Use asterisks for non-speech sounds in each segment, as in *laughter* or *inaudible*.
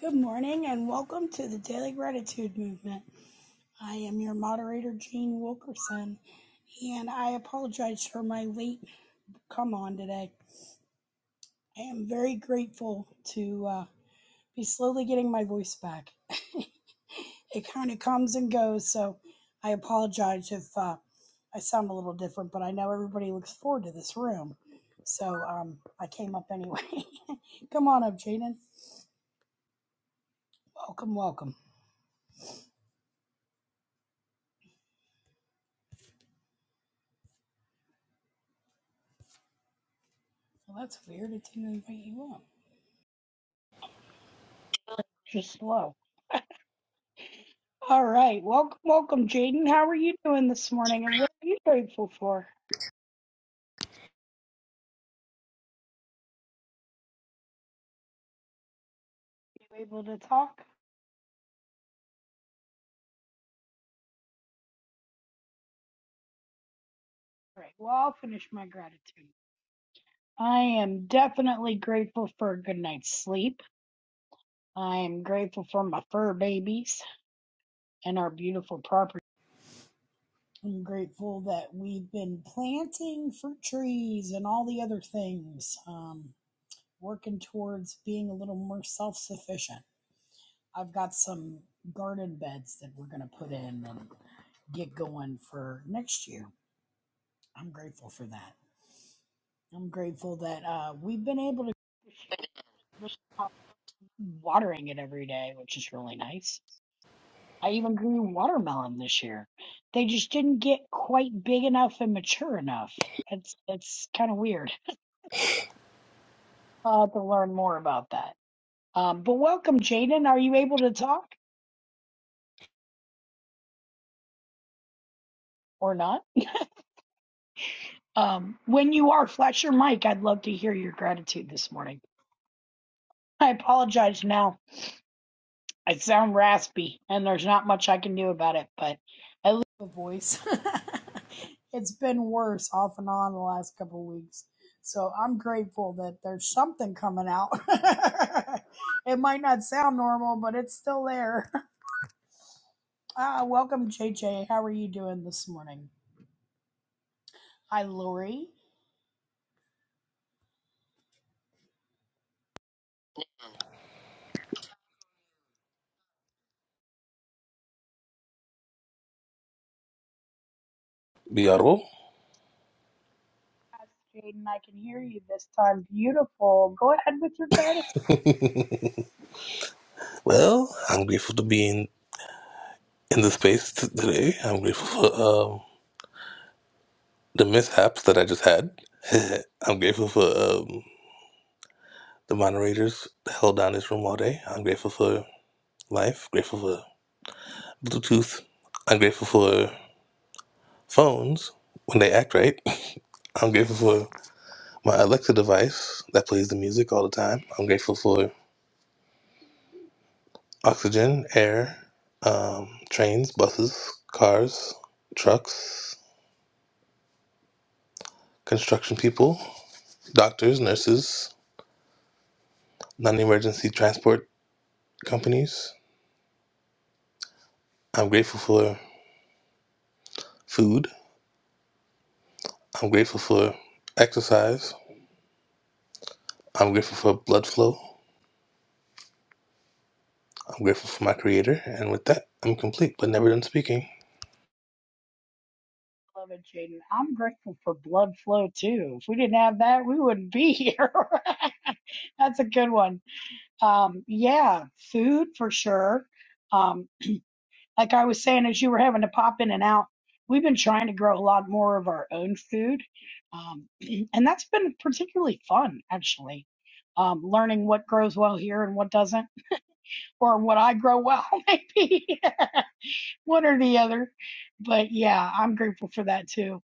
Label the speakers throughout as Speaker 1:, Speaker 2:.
Speaker 1: Good morning and welcome to the Daily Gratitude Movement. I am your moderator, Jane Wilkerson, and I apologize for my late come on today. I am very grateful to uh, be slowly getting my voice back. *laughs* it kind of comes and goes, so I apologize if uh, I sound a little different, but I know everybody looks forward to this room. So um, I came up anyway. *laughs* come on up, Jaden. Welcome, welcome. Well, that's weird. It didn't invite you up. Just slow. All right. Welcome, welcome, Jaden. How are you doing this morning and what are you grateful for? You able to talk? All right. Well, I'll finish my gratitude. I am definitely grateful for a good night's sleep. I am grateful for my fur babies and our beautiful property. I'm grateful that we've been planting fruit trees and all the other things, um, working towards being a little more self sufficient. I've got some garden beds that we're going to put in and get going for next year. I'm grateful for that. I'm grateful that uh, we've been able to *laughs* watering it every day, which is really nice. I even grew watermelon this year. They just didn't get quite big enough and mature enough. It's it's kind of weird. I'll have to learn more about that. Um, but welcome, Jaden. Are you able to talk or not? Um, when you are, flash your mic. I'd love to hear your gratitude this morning. I apologize now. I sound raspy, and there's not much I can do about it, but I lose a voice. *laughs* it's been worse off and on the last couple of weeks. So I'm grateful that there's something coming out. *laughs* it might not sound normal, but it's still there. *laughs* Ah, welcome, JJ. How are you doing this morning? Hi, Lori.
Speaker 2: BRO.
Speaker 1: Yes, Jaden, I can hear you this time. Beautiful. Go ahead with your gratitude,
Speaker 2: Well, I'm grateful to be in, in this space today. I'm grateful for um, the mishaps that I just had. *laughs* I'm grateful for um, the moderators that held down this room all day. I'm grateful for life, grateful for Bluetooth. I'm grateful for phones when they act right. *laughs* I'm grateful for my Alexa device that plays the music all the time. I'm grateful for oxygen, air, um, trains, buses, cars, trucks, construction people. doctors, nurses, non emergency transport companies. I'm grateful for food. I'm grateful for exercise. I'm grateful for blood flow. I'm grateful for my creator. And with that, I'm complete, but never done speaking.
Speaker 1: beloved Jaden. I'm grateful for blood flow too. If we didn't have that, we wouldn't be here. *laughs* That's a good one. Um, yeah, food for sure. Um, like I was saying, as you were having to pop in and out, we've been trying to grow a lot more of our own food. Um, *clears throat* and that's been particularly fun, actually. Um, learning what grows well here and what doesn't, or what I grow well, *laughs* maybe. *laughs* one or the other. But yeah, I'm grateful for that too.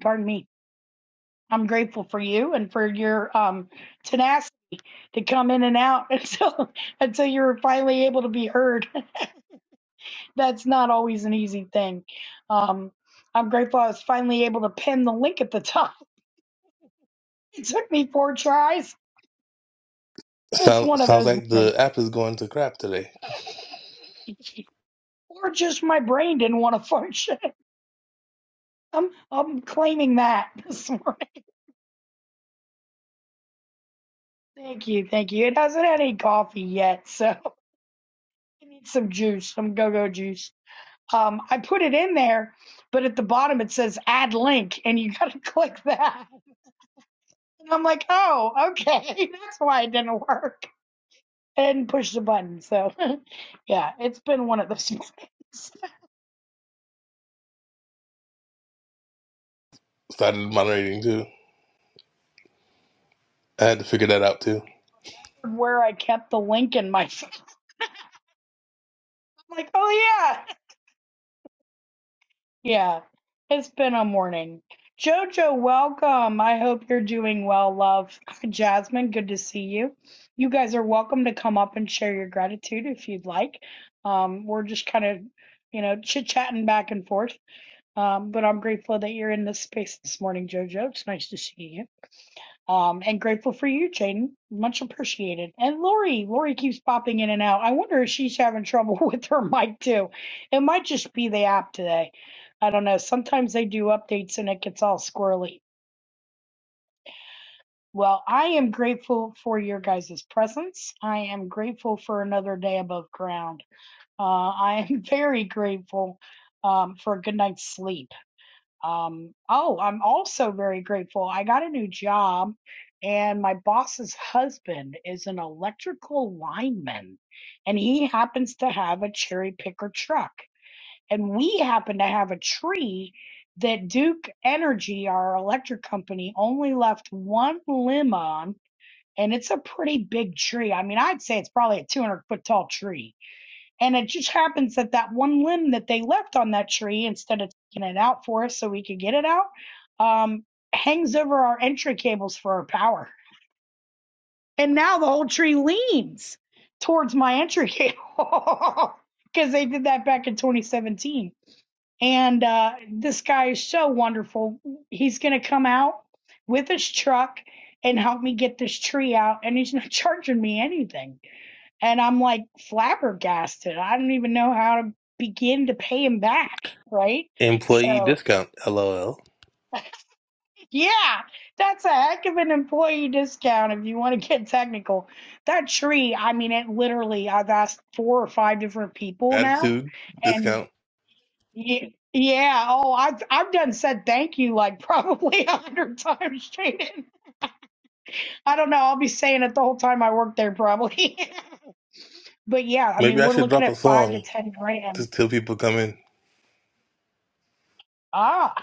Speaker 1: Pardon me. I'm grateful for you and for your um tenacity to come in and out *laughs* until until you're finally able to be heard. *laughs* That's not always an easy thing. Um I'm grateful I was finally able to pin the link at the top. *laughs* It took me four tries. It's one
Speaker 2: Sounds
Speaker 1: of
Speaker 2: sounds
Speaker 1: those
Speaker 2: like
Speaker 1: mornings.
Speaker 2: the app is going to crap today.
Speaker 1: *laughs* Or just my brain didn't want to function. *laughs* I'm I'm claiming that *laughs* this morning. Thank you, thank you. It hasn't had any coffee yet, so I need some juice, some go-go juice. Um, I put it in there, but at the bottom it says add link, and you gotta *laughs* click that. And I'm like, oh, okay, *laughs* that's why it didn't work. And push the button. So, *laughs* yeah, it's been one of those *laughs* mornings
Speaker 2: Started moderating too. I had to figure that out too.
Speaker 1: where I kept the link in my *laughs* phone. I'm like, oh yeah. Yeah, it's been a morning. Jojo, welcome. I hope you're doing well, love. *laughs* Jasmine, good to see you. You guys are welcome to come up and share your gratitude if you'd like. Um, we're just kind of, you know, chit-chatting back and forth. Um, but I'm grateful that you're in this space this morning, Jojo. It's nice to see you. Um, and grateful for you, Jaden. Much appreciated. And Lori, Lori keeps popping in and out. I wonder if she's having trouble *laughs* with her mic too. It might just be the app today. I don't know. Sometimes they do updates and it gets all squirrely. Well, I am grateful for your guys' presence. I am grateful for another day above ground. Uh, I am *laughs* very grateful um, for a good night's sleep. Um, oh, I'm also very grateful. I got a new job, and my boss's husband is an electrical lineman, and he happens to have a cherry picker truck. And we happen to have a tree that Duke Energy, our electric company, only left one limb on, and it's a pretty big tree. I mean, I'd say it's probably a 200 foot tall tree and it just happens that that one limb that they left on that tree, instead of taking it out for us so we could get it out, um, hangs over our entry cables for our power. And now the whole tree leans towards my entry cable *laughs* because they did that back in 2017. And uh, this guy is so wonderful. He's going to come out with his truck and help me get this tree out, and he's not *laughs* charging me anything and I'm like flabbergasted. I don't even know how to begin to pay him back, right?
Speaker 2: Employee
Speaker 1: So,
Speaker 2: discount, lol.
Speaker 1: yeah, that's a heck of an employee discount if you want to get technical. That tree, I mean, it literally, I've asked four or five different people now.
Speaker 2: Gratitude
Speaker 1: And
Speaker 2: discount.
Speaker 1: ye- yeah, oh, I've, I've done said thank you like probably *laughs* a hundred times, Jaden. I don't know. I'll be saying it the whole time I work there, probably. *laughs* but yeah, I
Speaker 2: Maybe
Speaker 1: mean,
Speaker 2: I
Speaker 1: we're
Speaker 2: should
Speaker 1: looking
Speaker 2: drop a
Speaker 1: at five to
Speaker 2: song
Speaker 1: 10
Speaker 2: to
Speaker 1: grand.
Speaker 2: till people come in.
Speaker 1: Ah.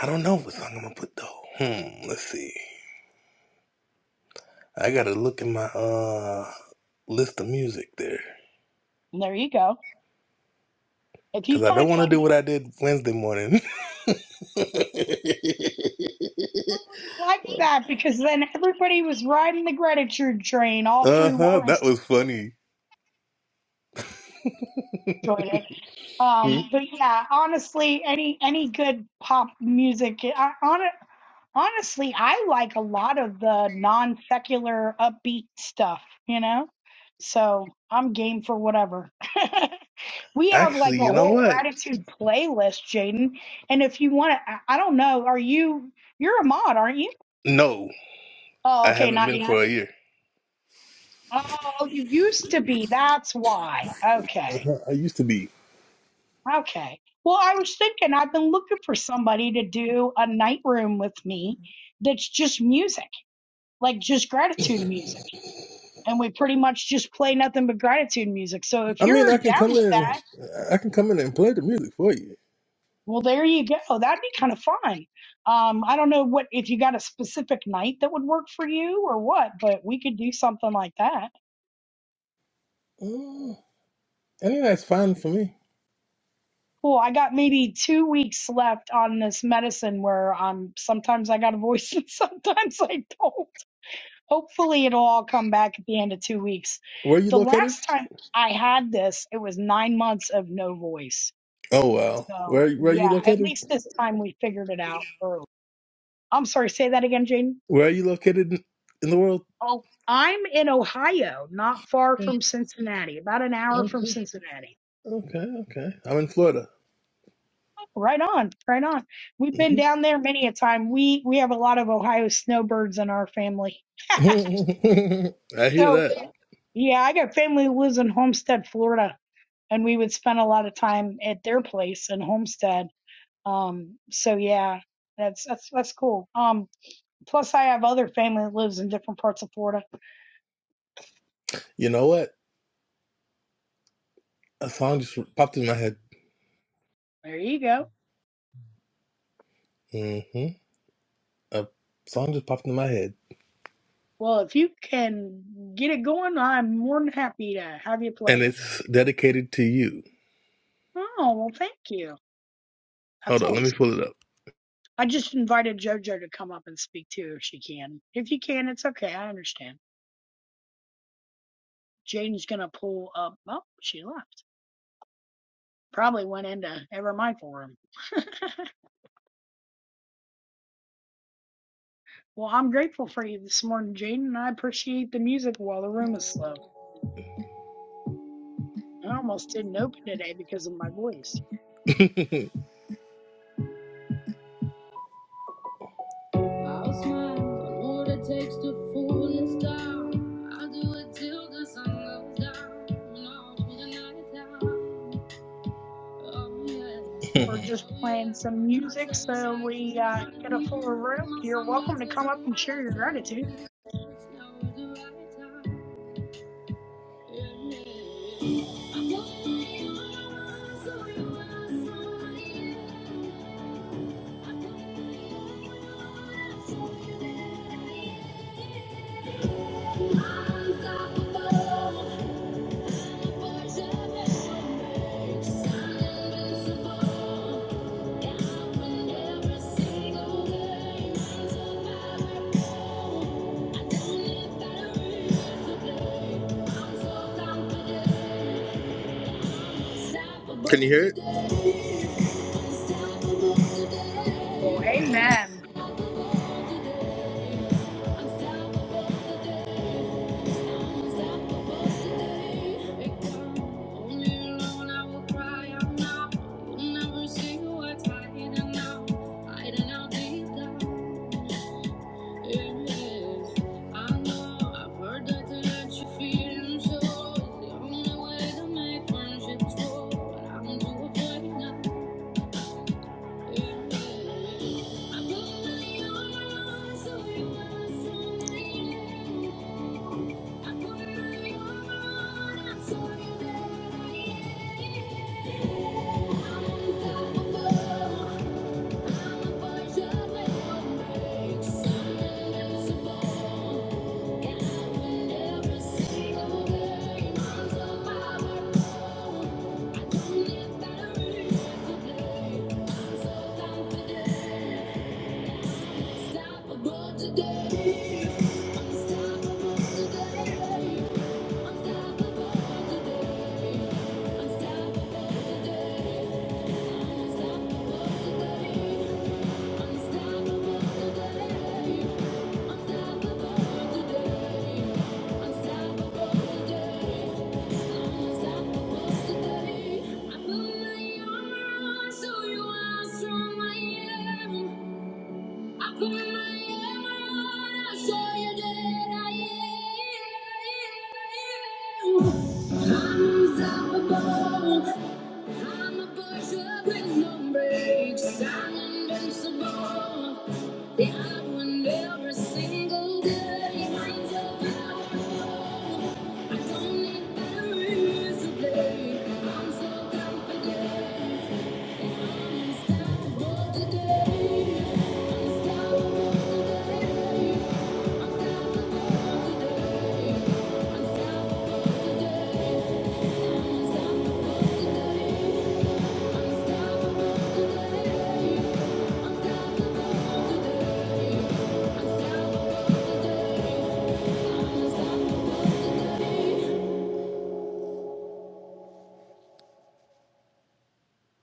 Speaker 2: I don't know what song I'm gonna put though. Hmm, let's see. I gotta look at my uh list of music there.
Speaker 1: There you go. If you
Speaker 2: Cause I don't
Speaker 1: find
Speaker 2: wanna do
Speaker 1: something,
Speaker 2: what I did Wednesday morning. *laughs* uh-huh.
Speaker 1: I really like that because then everybody was riding the gratitude train all through
Speaker 2: That
Speaker 1: Lawrence
Speaker 2: was funny.
Speaker 1: enjoyed it.
Speaker 2: Hmm.
Speaker 1: Um, but yeah, honestly, any any good pop music, I, on, honestly, I like a lot of the non secular upbeat stuff. You know, so I'm game for whatever. *laughs* we have
Speaker 2: Actually,
Speaker 1: like a
Speaker 2: you know
Speaker 1: whole
Speaker 2: what?
Speaker 1: gratitude playlist, Jaden, and if you want to, I I don't know, are you? You're a mod, aren't you?
Speaker 2: No,
Speaker 1: Oh,
Speaker 2: I
Speaker 1: okay,
Speaker 2: haven't
Speaker 1: not
Speaker 2: been
Speaker 1: yet.
Speaker 2: for a year.
Speaker 1: Oh, you used to be. That's why. Okay.
Speaker 2: Uh-huh. I used to be.
Speaker 1: Okay. Well, I was thinking I've been looking for somebody to do a night room with me that's just music, like just gratitude music. And we pretty much just play nothing but gratitude music. So if
Speaker 2: I mean
Speaker 1: you're
Speaker 2: I can come
Speaker 1: down with
Speaker 2: in
Speaker 1: that,
Speaker 2: I can come in and play the music for you.
Speaker 1: well, there you go. That'd be kind of fun. Um, I don't know what if you got a specific night that would work for you or what, but we could do something like that.
Speaker 2: Uh, I think that's fine for me.
Speaker 1: Cool. I got maybe two weeks left on this medicine where um sometimes I got a voice *laughs* and sometimes I don't. Hopefully it'll all come back at the end of two weeks.
Speaker 2: Where are you
Speaker 1: The
Speaker 2: located?
Speaker 1: last time I had this, it was nine months of no voice.
Speaker 2: Oh well.
Speaker 1: So
Speaker 2: Where where are you
Speaker 1: yeah, at
Speaker 2: located?
Speaker 1: least this time we figured it out early. I'm sorry, say that again, Jaden.
Speaker 2: Where are you located in in the world?
Speaker 1: Oh, I'm in Ohio, not far from Cincinnati, about an hour from Cincinnati.
Speaker 2: Okay, okay. I'm in Florida.
Speaker 1: Right on, right on. We've been
Speaker 2: Mm-hmm.
Speaker 1: down there many a time. We we have a lot of Ohio snowbirds in our family.
Speaker 2: *laughs* I hear
Speaker 1: So
Speaker 2: that.
Speaker 1: yeah, I got family who lives in Homestead, Florida, and we would spend a lot of time at their place in Homestead. Um, so yeah, that's that's that's cool. Um, plus I have other family that lives in different parts of Florida.
Speaker 2: You know what? A song just popped in my head.
Speaker 1: There you go.
Speaker 2: hmm A song just popped in my head,
Speaker 1: Well, if you can get it going, I'm more than happy to have you play
Speaker 2: and
Speaker 1: it.
Speaker 2: it's dedicated to you.
Speaker 1: Oh well, thank you.
Speaker 2: Hold
Speaker 1: That's
Speaker 2: on, let
Speaker 1: always
Speaker 2: me pull it up.
Speaker 1: I just invited JoJo to come up and speak too if she can. If you can, it's okay. I understand. Jaden's gonna pull up. Oh, she left. Probably went into ever mindful room. *laughs* Well, I'm grateful for you this morning, Jaden, and I appreciate the music while the room is slow. I almost didn't open today because of my voice.
Speaker 2: *laughs* I'll smile for what it takes to fool this town. I'll do it till the sun goes down. You know, I'll be the night out. *laughs* Oh
Speaker 1: We're
Speaker 2: yeah.
Speaker 1: just
Speaker 2: Oh yeah.
Speaker 1: playing some
Speaker 2: I
Speaker 1: music
Speaker 2: tell you
Speaker 1: so
Speaker 2: I just
Speaker 1: we uh,
Speaker 2: wanna
Speaker 1: get a
Speaker 2: hear
Speaker 1: fuller
Speaker 2: you.
Speaker 1: room.
Speaker 2: My
Speaker 1: You're welcome to
Speaker 2: sunglasses
Speaker 1: come up
Speaker 2: and
Speaker 1: and
Speaker 2: my
Speaker 1: share your gratitude.
Speaker 2: lashes. It's now or never. Yeah, yeah, yeah. I know you're the one, so you better run. I know you're the one, so you better run. I'm unstoppable. Can you hear it?
Speaker 1: Well, amen.
Speaker 2: It's only to so. it's the only way to make friendships grow, but I'm too afraid now. Thank you. Unstoppable today. Unstoppable today. Unstoppable today. Unstoppable today. Unstoppable today. Unstoppable Unstoppable Unstoppable today. Unstoppable today. Unstoppable today. I put my armor on so you, are strong my everything. I put my armor on. I saw you dead, I am unstoppable. I'm a pusher with no brakes. I'm invincible. Yeah, I win every single day. I'm so powerful. I don't need batteries to play. I'm so confident. And I'm unstoppable today. Unstoppable today. Unstoppable today. Unstoppable.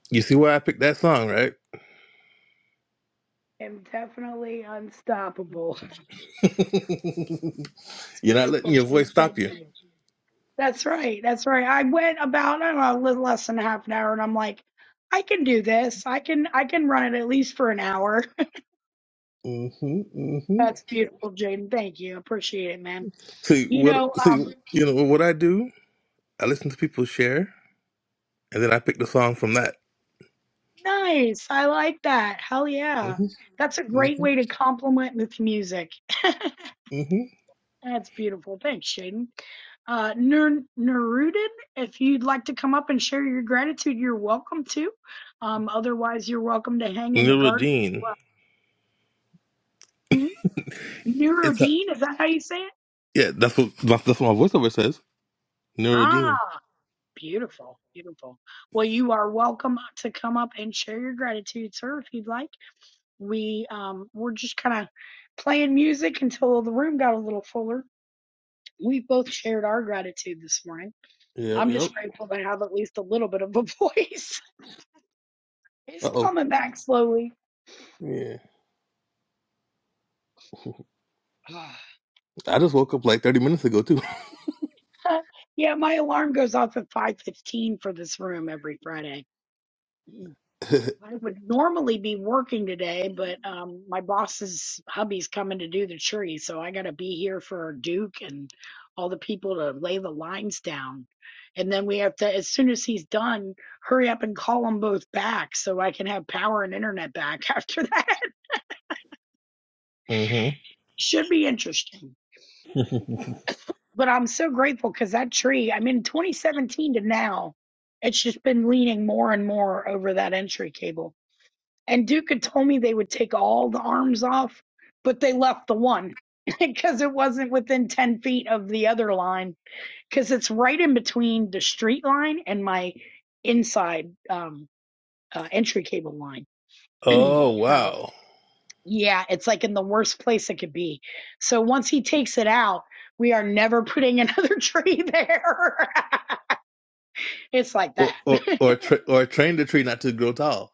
Speaker 2: You see why I picked that song, right?
Speaker 1: I'm definitely unstoppable. *laughs* It's
Speaker 2: You're not
Speaker 1: beautiful,
Speaker 2: letting your
Speaker 1: Jaden.
Speaker 2: voice stop
Speaker 1: Thank
Speaker 2: you.
Speaker 1: you. That's right. That's right. I went about, I don't know, a little less than half an hour and I'm like, I can do this. I can I can run it at least for an hour.
Speaker 2: Mm-hmm.
Speaker 1: *laughs*
Speaker 2: Mm-hmm.
Speaker 1: That's beautiful, Jaden. Thank you. Appreciate it, man.
Speaker 2: See
Speaker 1: You
Speaker 2: what?
Speaker 1: know,
Speaker 2: See
Speaker 1: um,
Speaker 2: you know what I do? I listen to people share, and then I pick the song from that.
Speaker 1: nice. I like that. Hell yeah.
Speaker 2: Mm-hmm.
Speaker 1: That's a great
Speaker 2: Mm-hmm.
Speaker 1: way to compliment with music.
Speaker 2: Mm-hmm.
Speaker 1: *laughs* That's beautiful. Thanks, Jaden. Uh, Nur Nurudin, if you'd like to come up and share your gratitude, you're welcome to. Um, otherwise, you're welcome to hang in the garden as
Speaker 2: Neurodine.
Speaker 1: well. hmm?
Speaker 2: It's a
Speaker 1: Neurodean, is that how you say it?
Speaker 2: Yeah, that's what my, that's what my voiceover says. Neurodean.
Speaker 1: Ah, beautiful, beautiful. Well, you are welcome to come up and share your gratitude, sir, if you'd like. We um we're just kind of playing music until the room got a little fuller. We both shared our gratitude this morning.
Speaker 2: Yep,
Speaker 1: I'm
Speaker 2: yep.
Speaker 1: just grateful to have at least a little bit of a voice. *laughs* It's
Speaker 2: Uh oh.
Speaker 1: coming back slowly.
Speaker 2: Yeah,
Speaker 1: *sighs* *laughs*
Speaker 2: I just woke up like thirty minutes ago too. *laughs*
Speaker 1: yeah, my alarm goes off at 5:15 for this room every Friday. I would normally be working today, but um, my boss's hubby's coming to do the tree, so I got to be here for Duke and all the people to lay the lines down. And then we have to, as soon as he's done, hurry up and call them both back so I can have power and internet back *laughs* after that.
Speaker 2: Mm-hmm.
Speaker 1: Should be interesting.
Speaker 2: *laughs*
Speaker 1: But I'm so grateful because that tree, I mean, 2017 to now, it's just been leaning more and more over that entry cable And Duke had told me they would take all the arms off, but they left the one *laughs* because it wasn't within 10 feet of the other line because it's right in between the street line and my inside um, uh, entry cable line.
Speaker 2: oh
Speaker 1: *clears throat* so,
Speaker 2: wow.
Speaker 1: yeah, it's like in the worst place it could be. So, once he takes it out, we are never putting another *laughs* tree there. *laughs* it's like
Speaker 2: Or
Speaker 1: that.
Speaker 2: or or, tra- or train the tree not to grow tall.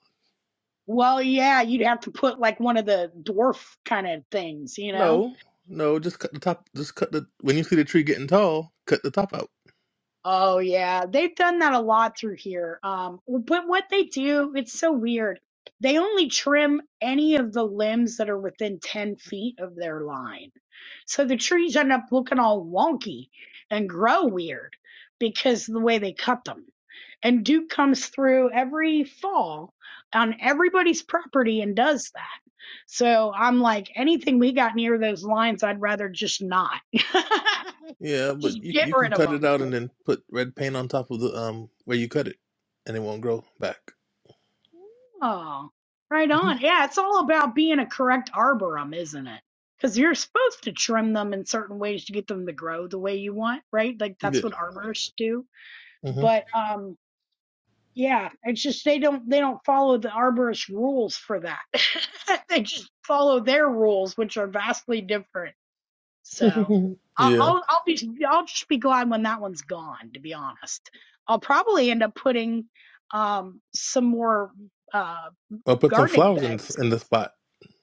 Speaker 1: *laughs* well, yeah, you'd have to put like one of the dwarf kind of things, you know?
Speaker 2: No, no, just cut the top. Just cut the when you see the tree getting tall, cut the top out.
Speaker 1: Oh yeah, they've done that a lot through here. Um, but what they do, it's so weird. They only trim any of the limbs that are within 10 feet of their line. So the trees end up looking all wonky and grow weird because of the way they cut them. And Duke comes through every fall on everybody's property and does that. So I'm like, anything we got near those lines, I'd rather just not. *laughs*
Speaker 2: Yeah,
Speaker 1: just
Speaker 2: but you
Speaker 1: get
Speaker 2: you can
Speaker 1: rid of
Speaker 2: cut it
Speaker 1: them.
Speaker 2: out and then put red paint on top of the um where you cut it, and it won't grow back.
Speaker 1: Oh, right
Speaker 2: hmm
Speaker 1: on. Yeah, it's all about being a correct arborum, isn't it? Because you're supposed to trim them in certain ways to get them to grow the way you want, right? Like that's what
Speaker 2: Yeah.
Speaker 1: arborists do. But um, yeah, it's just they don't they don't follow the arborist rules for that. *laughs* they just follow their rules, which are vastly different. So
Speaker 2: hmm *laughs*
Speaker 1: I'll
Speaker 2: yeah.
Speaker 1: I'll I'll be I'll just be glad when that one's gone. To be honest, I'll probably end up putting um some more uh
Speaker 2: Or put some
Speaker 1: gardening
Speaker 2: flowers in
Speaker 1: beds
Speaker 2: in the spot.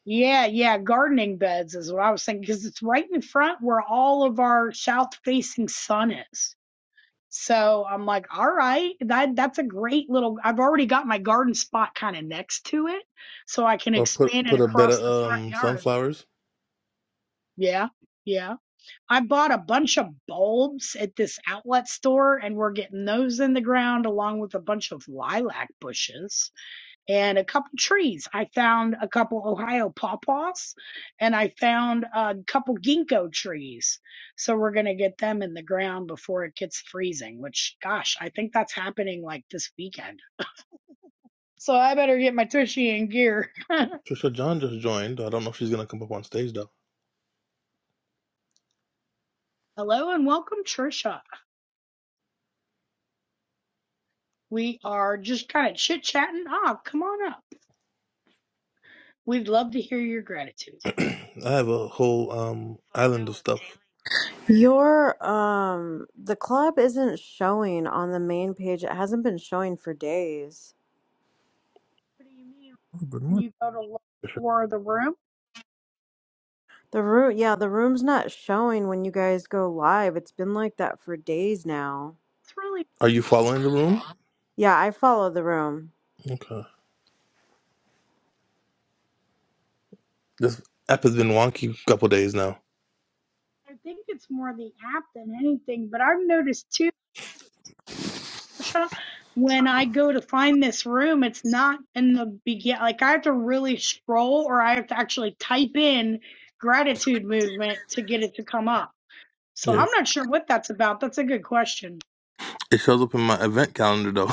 Speaker 1: yeah, yeah, gardening beds is what I was thinking because it's right in front where all of our south-facing sun is. So I'm like, all right, that that's a great little. I've already got my garden spot kind of next to it, so I can
Speaker 2: Or put
Speaker 1: expand it
Speaker 2: put a bed
Speaker 1: across
Speaker 2: of
Speaker 1: the front
Speaker 2: um,
Speaker 1: yard.
Speaker 2: sunflowers.
Speaker 1: Yeah, yeah. I bought a bunch of bulbs at this outlet store, and we're getting those in the ground along with a bunch of lilac bushes and a couple trees. I found a couple Ohio pawpaws and I found a couple ginkgo trees. So we're going to get them in the ground before it gets freezing, which, gosh, I think that's happening like this weekend. So I better get my Tushy in gear.
Speaker 2: Trisha John just joined. I don't know if she's gonna come up on stage though.
Speaker 1: *laughs* Hello and welcome, Trisha. We are just kind of chit chatting. Ah, come on up. We'd love to hear your gratitude.
Speaker 2: *clears throat* I have a whole um island of stuff.
Speaker 3: Your um the club isn't showing on the main page. It hasn't been showing for days.
Speaker 1: What do you mean
Speaker 2: Oh, good
Speaker 1: when
Speaker 2: morning,
Speaker 1: you go to look
Speaker 2: Trisha.
Speaker 1: for the room?
Speaker 3: The room, yeah, the room's not showing when you guys go live. It's been like that for days now.
Speaker 1: It's really
Speaker 2: Are you following the room?
Speaker 3: Yeah, I follow the room.
Speaker 2: Okay. This app has been wonky a couple days now.
Speaker 1: I think it's more the app than anything, but I've noticed too Marsha, when I go to find this room, it's not in the begin. Like I have to really scroll, or I have to actually type in gratitude movement to get it to come up. So
Speaker 2: Yeah.
Speaker 1: I'm not sure what that's about. That's a good question.
Speaker 2: It shows up in my event calendar though.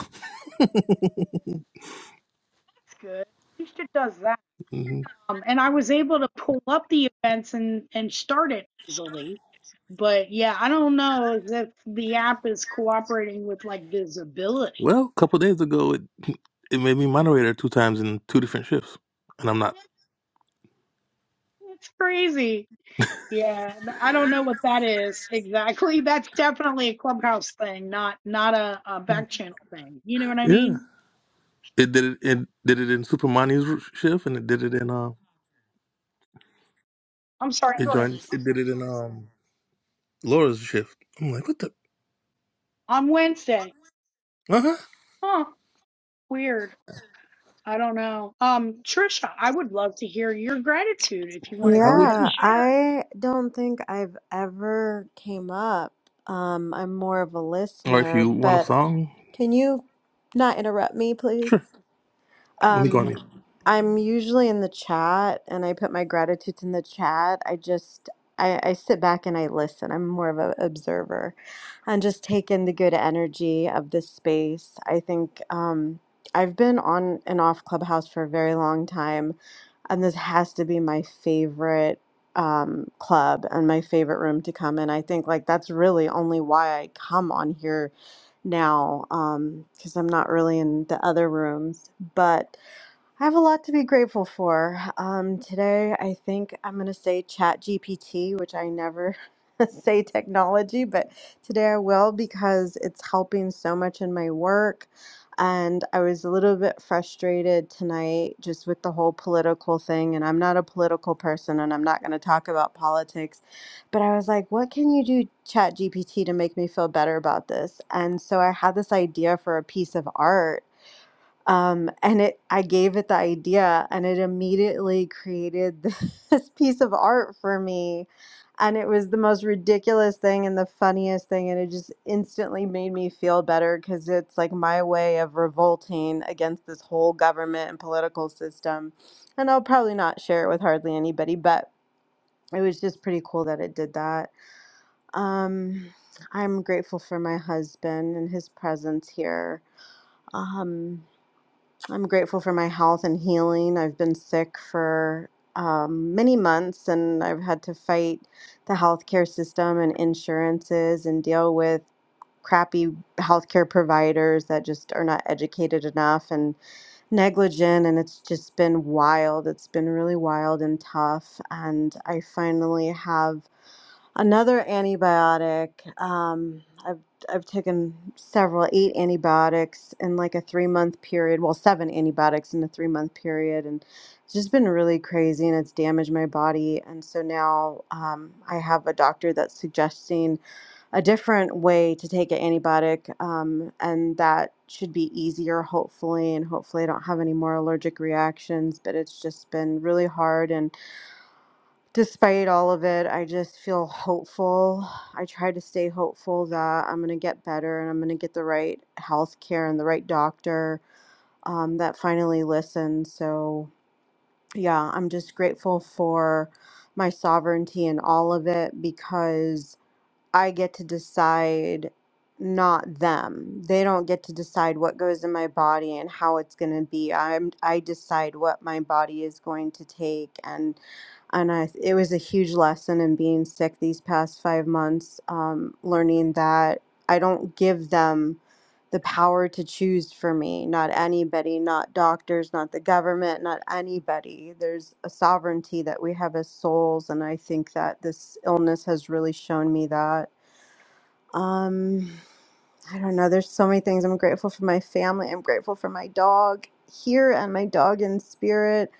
Speaker 1: That's good. At least it does that.
Speaker 2: *laughs* hmm
Speaker 1: Um, and I was able to pull up the events and and start it easily. But yeah, I don't know if the app is cooperating with like visibility.
Speaker 2: Well, a couple days ago, it it made me moderator two times in two different shifts, and I'm not.
Speaker 1: It's crazy. Yeah, th- I don't know what that is exactly. *laughs* That's definitely a clubhouse thing, not not a, a back channel thing. You know what I
Speaker 2: Yeah.
Speaker 1: mean?
Speaker 2: It did it. It did it in Super Money's shift, and it did it in um.
Speaker 1: I'm sorry.
Speaker 2: It
Speaker 1: Go ahead.
Speaker 2: joined. It did it in um Laura's shift. I'm like, what the.
Speaker 1: On Wednesday.
Speaker 2: Uh-huh.
Speaker 1: Huh? Weird. I don't know. Um, Trisha, I would love to hear your gratitude if you want to
Speaker 2: I
Speaker 1: go
Speaker 2: would
Speaker 1: ahead and
Speaker 3: Yeah,
Speaker 2: too.
Speaker 1: share.
Speaker 3: I don't think I've ever came up. Um, I'm more of a
Speaker 2: Or if
Speaker 3: listener,
Speaker 2: you want a
Speaker 3: but
Speaker 2: song,
Speaker 3: can you not interrupt me, please?
Speaker 2: sure. Let me go on
Speaker 3: Um,
Speaker 2: mute.
Speaker 3: I'm usually in the chat and I put my gratitudes in the chat. I just I, I sit back and I listen. I'm more of an observer and just take in the good energy of this space. I think um, I've been on and off Clubhouse for a very long time, and this has to be my favorite um, club and my favorite room to come in. I think like that's really only why I come on here now um, because I'm not really in the other rooms, but. I have a lot to be grateful for. Um, today, I think I'm going to say ChatGPT, which I never *laughs* say technology, but today I will because it's helping so much in my work. And I was a little bit frustrated tonight just with the whole political thing. And I'm not a political person and I'm not going to talk about politics. But I was like, what can you do, ChatGPT, to make me feel better about this? And so I had this idea for a piece of art um, and it i gave it the idea and it immediately created *laughs* this piece of art for me and it was the most ridiculous thing and the funniest thing and it just instantly made me feel better because it's like my way of revolting against this whole government and political system and i'll probably not share it with hardly anybody but it was just pretty cool that it did that um, i'm grateful for my husband and his presence here um, I'm grateful for my health and healing. I've been sick for um, many months and I've had to fight the healthcare system and insurances and deal with crappy healthcare providers that just are not educated enough and negligent. And it's just been wild. It's been really wild and tough. And I finally have Another antibiotic. Um, I've I've taken several, eight antibiotics in like a three month period. Well, seven antibiotics in a three month period, and it's just been really crazy, and it's damaged my body. And so now um, I have a doctor that's suggesting a different way to take an antibiotic, um, and that should be easier, hopefully, and hopefully I don't have any more allergic reactions. But it's just been really hard and despite all of it, I just feel hopeful. I try to stay hopeful that I'm going to get better and I'm going to get the right health care and the right doctor um, that finally listens. So, yeah, I'm just grateful for my sovereignty and all of it because I get to decide, not them. They don't get to decide what goes in my body and how it's going to be. I'm I decide what my body is going to take and and I it was a huge lesson in being sick these past 5 months um learning that I don't give them the power to choose for me, not anybody, not doctors, not the government, not anybody. There's a sovereignty that we have as souls and I think that this illness has really shown me that. Um, I don't know. There's so many things. I'm grateful for my family. I'm grateful for my dog here and my dog in spirit.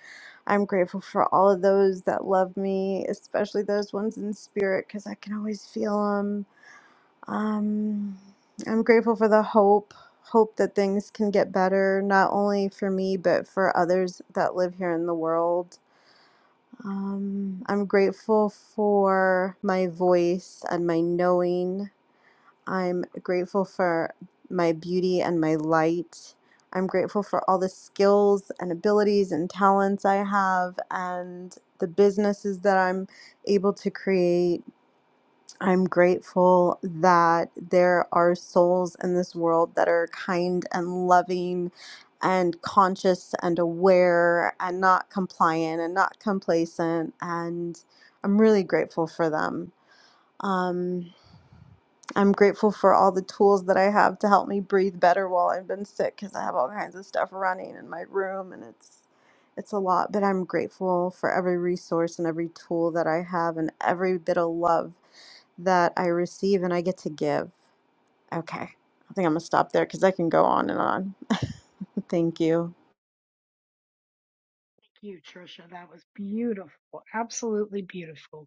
Speaker 3: I'm grateful for all of those that love me, especially those ones in spirit, because I can always feel them. Um, I'm grateful for the hope, hope that things can get better, not only for me, but for others that live here in the world. Um, I'm grateful for my voice and my knowing. I'm grateful for my beauty and my light. I'm grateful for all the skills and abilities and talents I have and the businesses that I'm able to create. I'm grateful that there are souls in this world that are kind and loving and conscious and aware and not compliant and not complacent. And I'm really grateful for them. Um, I'm grateful for all the tools that I have to help me breathe better while I've been sick because I have all kinds of stuff running in my room and it's it's a lot, but I'm grateful for every resource and every tool that I have and every bit of love that I receive and I get to give. Okay. I think I'm going to stop there cuz I can go on and on. *laughs* Thank you.
Speaker 1: Thank you, Trisha. That was beautiful. Absolutely beautiful.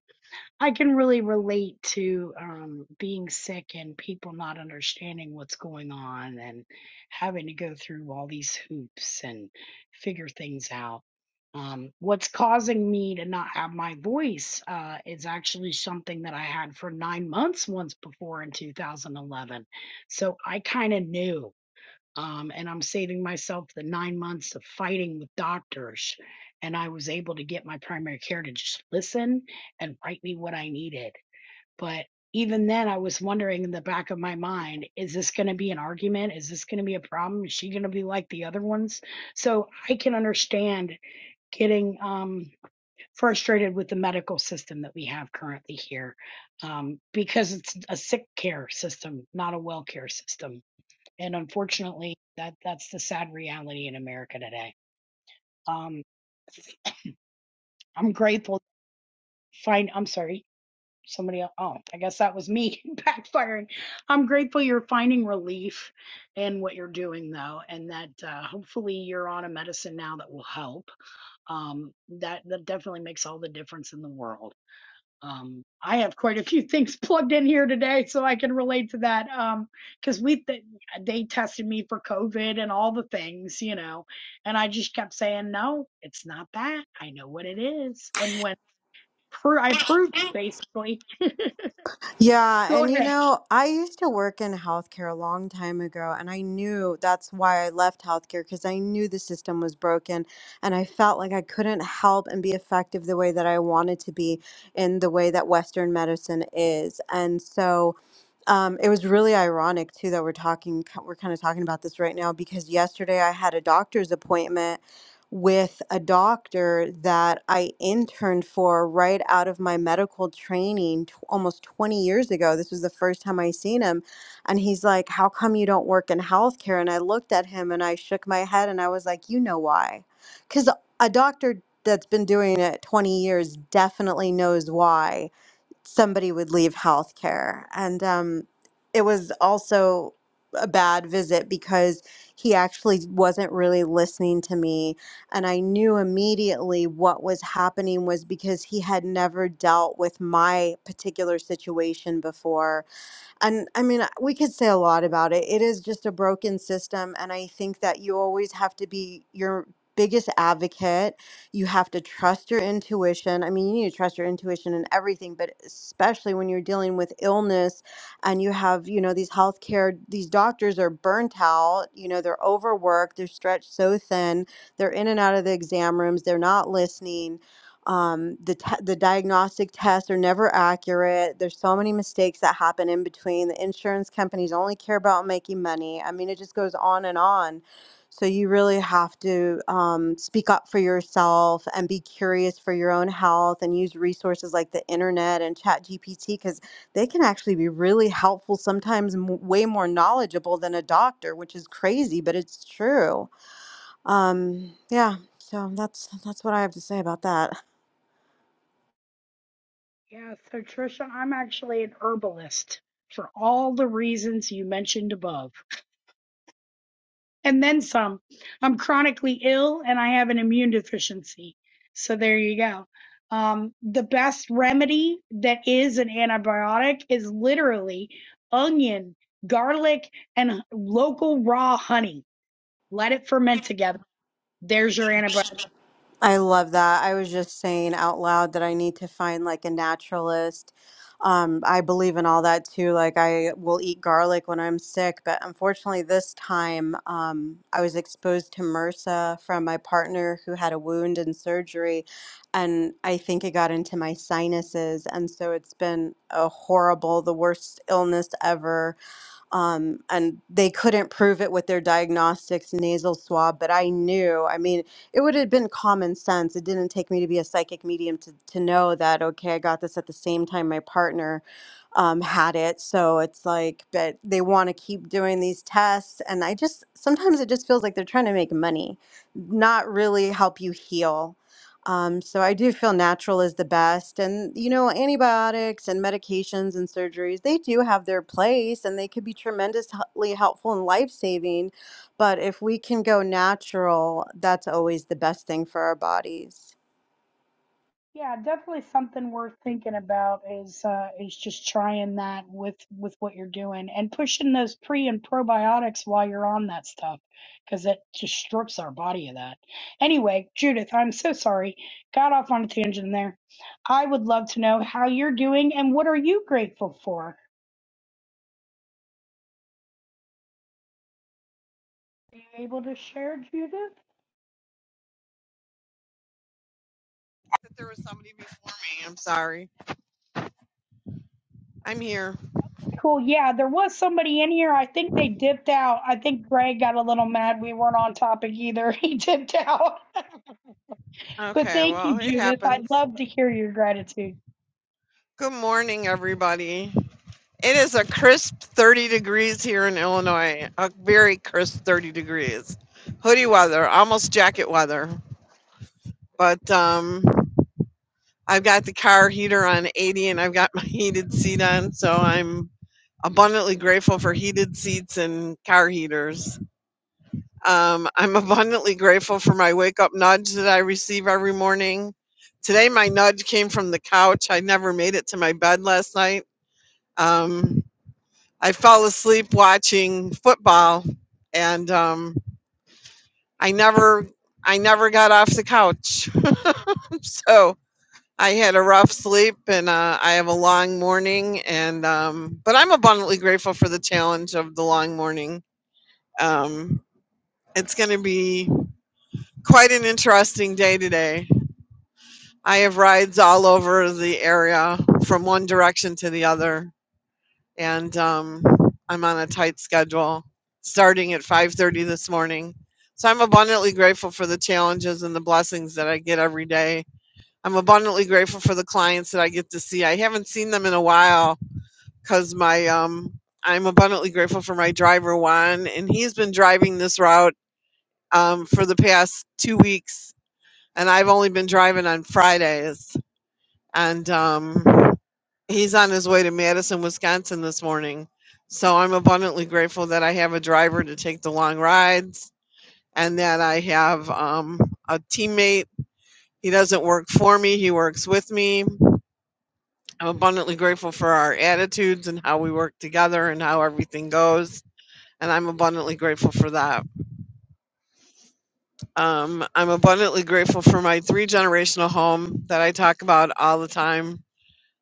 Speaker 1: I can really relate to um, being sick and people not understanding what's going on and having to go through all these hoops and figure things out. Um, what's causing me to not have my voice uh, is actually something that I had for nine months once before in 2011. So I kind of knew. Um, and I'm saving myself the nine months of fighting with doctors. And I was able to get my primary care to just listen and write me what I needed. But even then, I was wondering in the back of my mind, is this going to be an argument? Is this going to be a problem? Is she going to be like the other ones? So I can understand getting um, frustrated with the medical system that we have currently here um, because it's a sick care system, not a well care system and unfortunately that that's the sad reality in america today um i'm grateful find i'm sorry somebody el- oh i guess that was me *laughs* backfiring i'm grateful you're finding relief in what you're doing though and that uh, hopefully you're on a medicine now that will help um that that definitely makes all the difference in the world Um, I have quite a few things plugged in here today, so I can relate to that. Um, because we th- they tested me for COVID and all the things, you know, and I just kept saying, no, it's not that. I know what it is. And when pro- I proved it, basically, *laughs*
Speaker 3: Yeah,
Speaker 1: go
Speaker 3: and you
Speaker 1: ahead.
Speaker 3: know, I used to work in healthcare a long time ago, and I knew that's why I left healthcare because I knew the system was broken, and I felt like I couldn't help and be effective the way that I wanted to be in the way that Western medicine is. And so, um, it was really ironic too that we're talking we're kind of talking about this right now because yesterday I had a doctor's appointment with a doctor that I interned for right out of my medical training t- almost 20 years ago. This was the first time I seen him and he's like, "How come you don't work in healthcare?" And I looked at him and I shook my head and I was like, "You know why?" Cuz a doctor that's been doing it 20 years definitely knows why somebody would leave healthcare. And um, it was also a bad visit because he actually wasn't really listening to me. And I knew immediately what was happening was because he had never dealt with my particular situation before and I mean, we could say a lot about it. It is just a broken system. And I think that you always have to be your biggest advocate. You have to trust your intuition. I mean, you need to trust your intuition in everything, but especially when you're dealing with illness and you have, you know, these healthcare, these doctors are burnt out, you know, they're overworked, they're stretched so thin, they're in and out of the exam rooms, they're not listening um, the te- the diagnostic tests are never accurate. There's so many mistakes that happen in between. The insurance companies only care about making money. I mean, it just goes on and on. So you really have to um, speak up for yourself and be curious for your own health and use resources like the internet and ChatGPT because they can actually be really helpful. Sometimes m- way more knowledgeable than a doctor, which is crazy, but it's true. Um, yeah. So that's that's what I have to say about that.
Speaker 1: Yeah, so Trisha, I'm actually an herbalist for all the reasons you mentioned above. and then some. I'm chronically ill and I have an immune deficiency. So there you go. Um, the best remedy that is an antibiotic is literally onion, garlic, and local raw honey. Let it ferment together. There's your antibiotic.
Speaker 3: I love that. I was just saying out loud that I need to find like a naturalist. Um, I believe in all that too. Like I will eat garlic when I'm sick, but unfortunately this time um, I was exposed to MRSA from my partner who had a wound and surgery, and I think it got into my sinuses, and so it's been a horrible, the worst illness ever um, and they couldn't prove it with their diagnostics nasal swab but i knew i mean it would have been common sense it didn't take me to be a psychic medium to, to know that okay i got this at the same time my partner um, had it so it's like but they want to keep doing these tests and i just sometimes it just feels like they're trying to make money not really help you heal um, so I do feel natural is the best. And, you know, antibiotics and medications and surgeries, they do have their place and they could be tremendously helpful and life-saving. But if we can go natural, that's always the best thing for our bodies.
Speaker 1: Yeah, definitely something worth thinking about is uh, is just trying that with with what you're doing and pushing those pre and probiotics while you're on that stuff because it just strips our body of that. Anyway, Judith, I'm so sorry. Got off on a tangent there. I would love to know how you're doing and what are you grateful for? Are you able to share, Judith?
Speaker 4: that there was somebody before me. I'm sorry. I'm here.
Speaker 1: Cool. Yeah, there was somebody in here. I think they dipped out. I think Greg got a little mad we weren't on topic either. *laughs* He dipped out. But
Speaker 4: Okay,
Speaker 1: thank you,
Speaker 4: well, it
Speaker 1: Judith. I'd
Speaker 4: happens.
Speaker 1: love to hear your gratitude.
Speaker 4: Good morning, everybody. It is a crisp 30 degrees here in Illinois, a very crisp 30 degrees. Hoodie weather, almost jacket weather. But um, I've got the car heater on 80 and I've got *laughs* my heated seat on, so I'm abundantly grateful for heated seats and car heaters. Um, I'm abundantly grateful for my wake up nudge that I receive every morning. Today, my nudge came from the couch. I never made it to my bed last night. Um, I fell asleep watching football, and um, I never, I never got off the couch. *laughs* so I had a rough sleep, and uh, I have a long morning. And um, but I'm abundantly grateful for the challenge of the long morning. Um, it's going to be. Quite an interesting day today. I have rides all over the area from one direction to the other, and um, I'm on a tight schedule starting at 5:30 this morning. So I'm abundantly grateful for the challenges and the blessings that I get every day. I'm abundantly grateful for the clients that I get to see. I haven't seen them in a while because my um, I'm abundantly grateful for my driver Juan, and he's been driving this route um, for the past two weeks and I've only been driving on Fridays. And um, he's on his way to Madison, Wisconsin this morning. So I'm abundantly grateful that I have a driver to take the long rides and that I have um, a teammate. He doesn't work for me, he works with me. I'm abundantly grateful for our attitudes and how we work together and how everything goes. And I'm abundantly grateful for that. Um, I'm abundantly grateful for my three generational home that I talk about all the time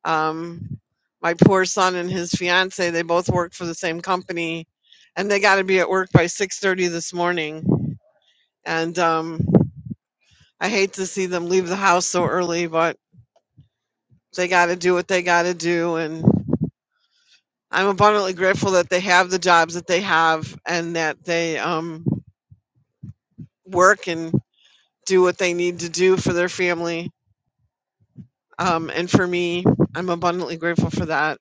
Speaker 4: Um, my poor son and his fiance, they both work for the same company, and they got to be at work by 6:30 this morning. And um, I hate to see them leave the house so early, but they got to do what they got to do. And I'm abundantly grateful that they have the jobs that they have and that they um, work and do what they need to do for their family. Um, and for me, I'm abundantly grateful for that.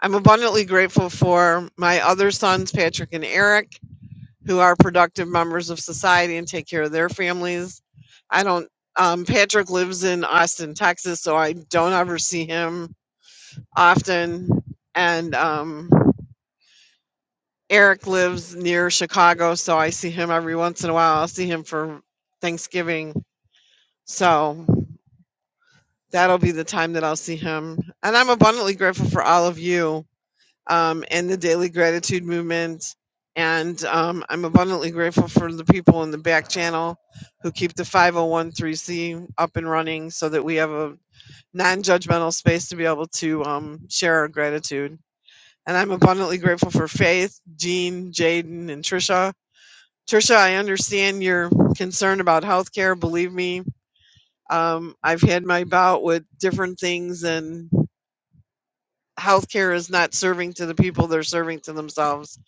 Speaker 4: I'm abundantly grateful for my other sons, Patrick and Eric. who are productive members of society and take care of their families. I don't, um, Patrick lives in Austin, Texas, so I don't ever see him often. And um, Eric lives near Chicago, so I see him every once in a while. I'll see him for Thanksgiving. So that'll be the time that I'll see him. And I'm abundantly grateful for all of you um, and the Daily Gratitude Movement. And um, I'm abundantly grateful for the people in the back channel who keep the 501c up and running so that we have a non judgmental space to be able to um, share our gratitude. And I'm abundantly grateful for Faith, Jean, Jaden, and Trisha. Trisha, I understand your concern about healthcare. Believe me, um, I've had my bout with different things, and healthcare is not serving to the people they're serving to themselves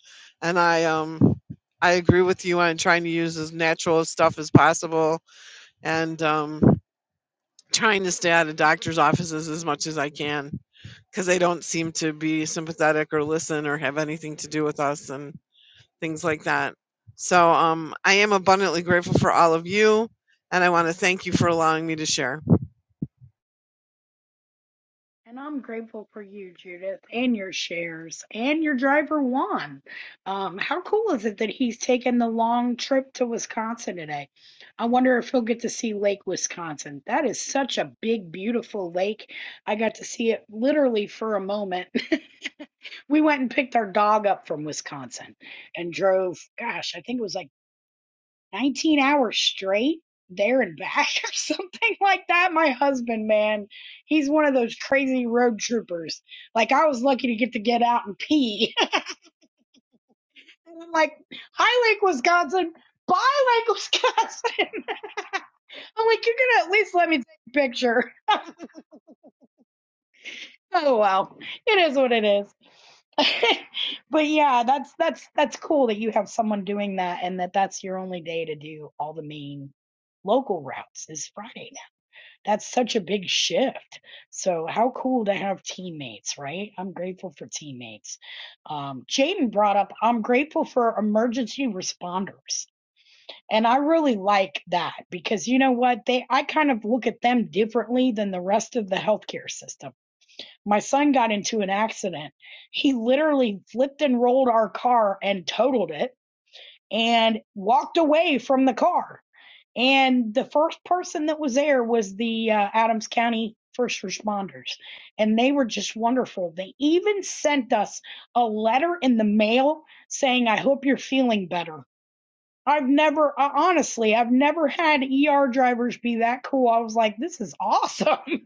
Speaker 4: and i um i agree with you on trying to use as natural stuff as possible and um trying to stay out of doctors offices as much as i can because they don't seem to be sympathetic or listen or have anything to do with us and things like that. So um, I am abundantly grateful for all of you, and I want to thank you for allowing me to share.
Speaker 1: And I'm grateful for you, Judith, and your shares, and your driver, Juan. Um, how cool is it that he's taking the long trip to Wisconsin today? I wonder if he'll get to see Lake Wisconsin. That is such a big, beautiful lake. I got to see it literally for a moment. *laughs* we went and picked our dog up from Wisconsin and drove, gosh, I think it was like 19 hours straight there and back *laughs* or something like that. My husband, man, he's one of those crazy road troopers. Like I was lucky to get to get out and pee. *laughs* and I'm like, High Lake, Wisconsin, Bye Lake, Wisconsin. *laughs* I'm like, you're gonna at least let me take a picture. *laughs* oh well, it is what it is. *laughs* but yeah, that's that's that's cool that you have someone doing that and that that's your only day to do all the main local routes is Friday. That's such a big shift. So how cool to have teammates, right? I'm grateful for teammates. Um, Jaden brought up, I'm grateful for emergency responders. And I really like that because you know what? They, I kind of look at them differently than the rest of the healthcare system. My son got into an accident. He literally flipped and rolled our car and totaled it and walked away from the car and the first person that was there was the uh, Adams County first responders, and they were just wonderful. They even sent us a letter in the mail saying, I hope you're feeling better. I've never, uh, honestly, I've never had ER drivers be that cool. I was like, this is awesome. *laughs*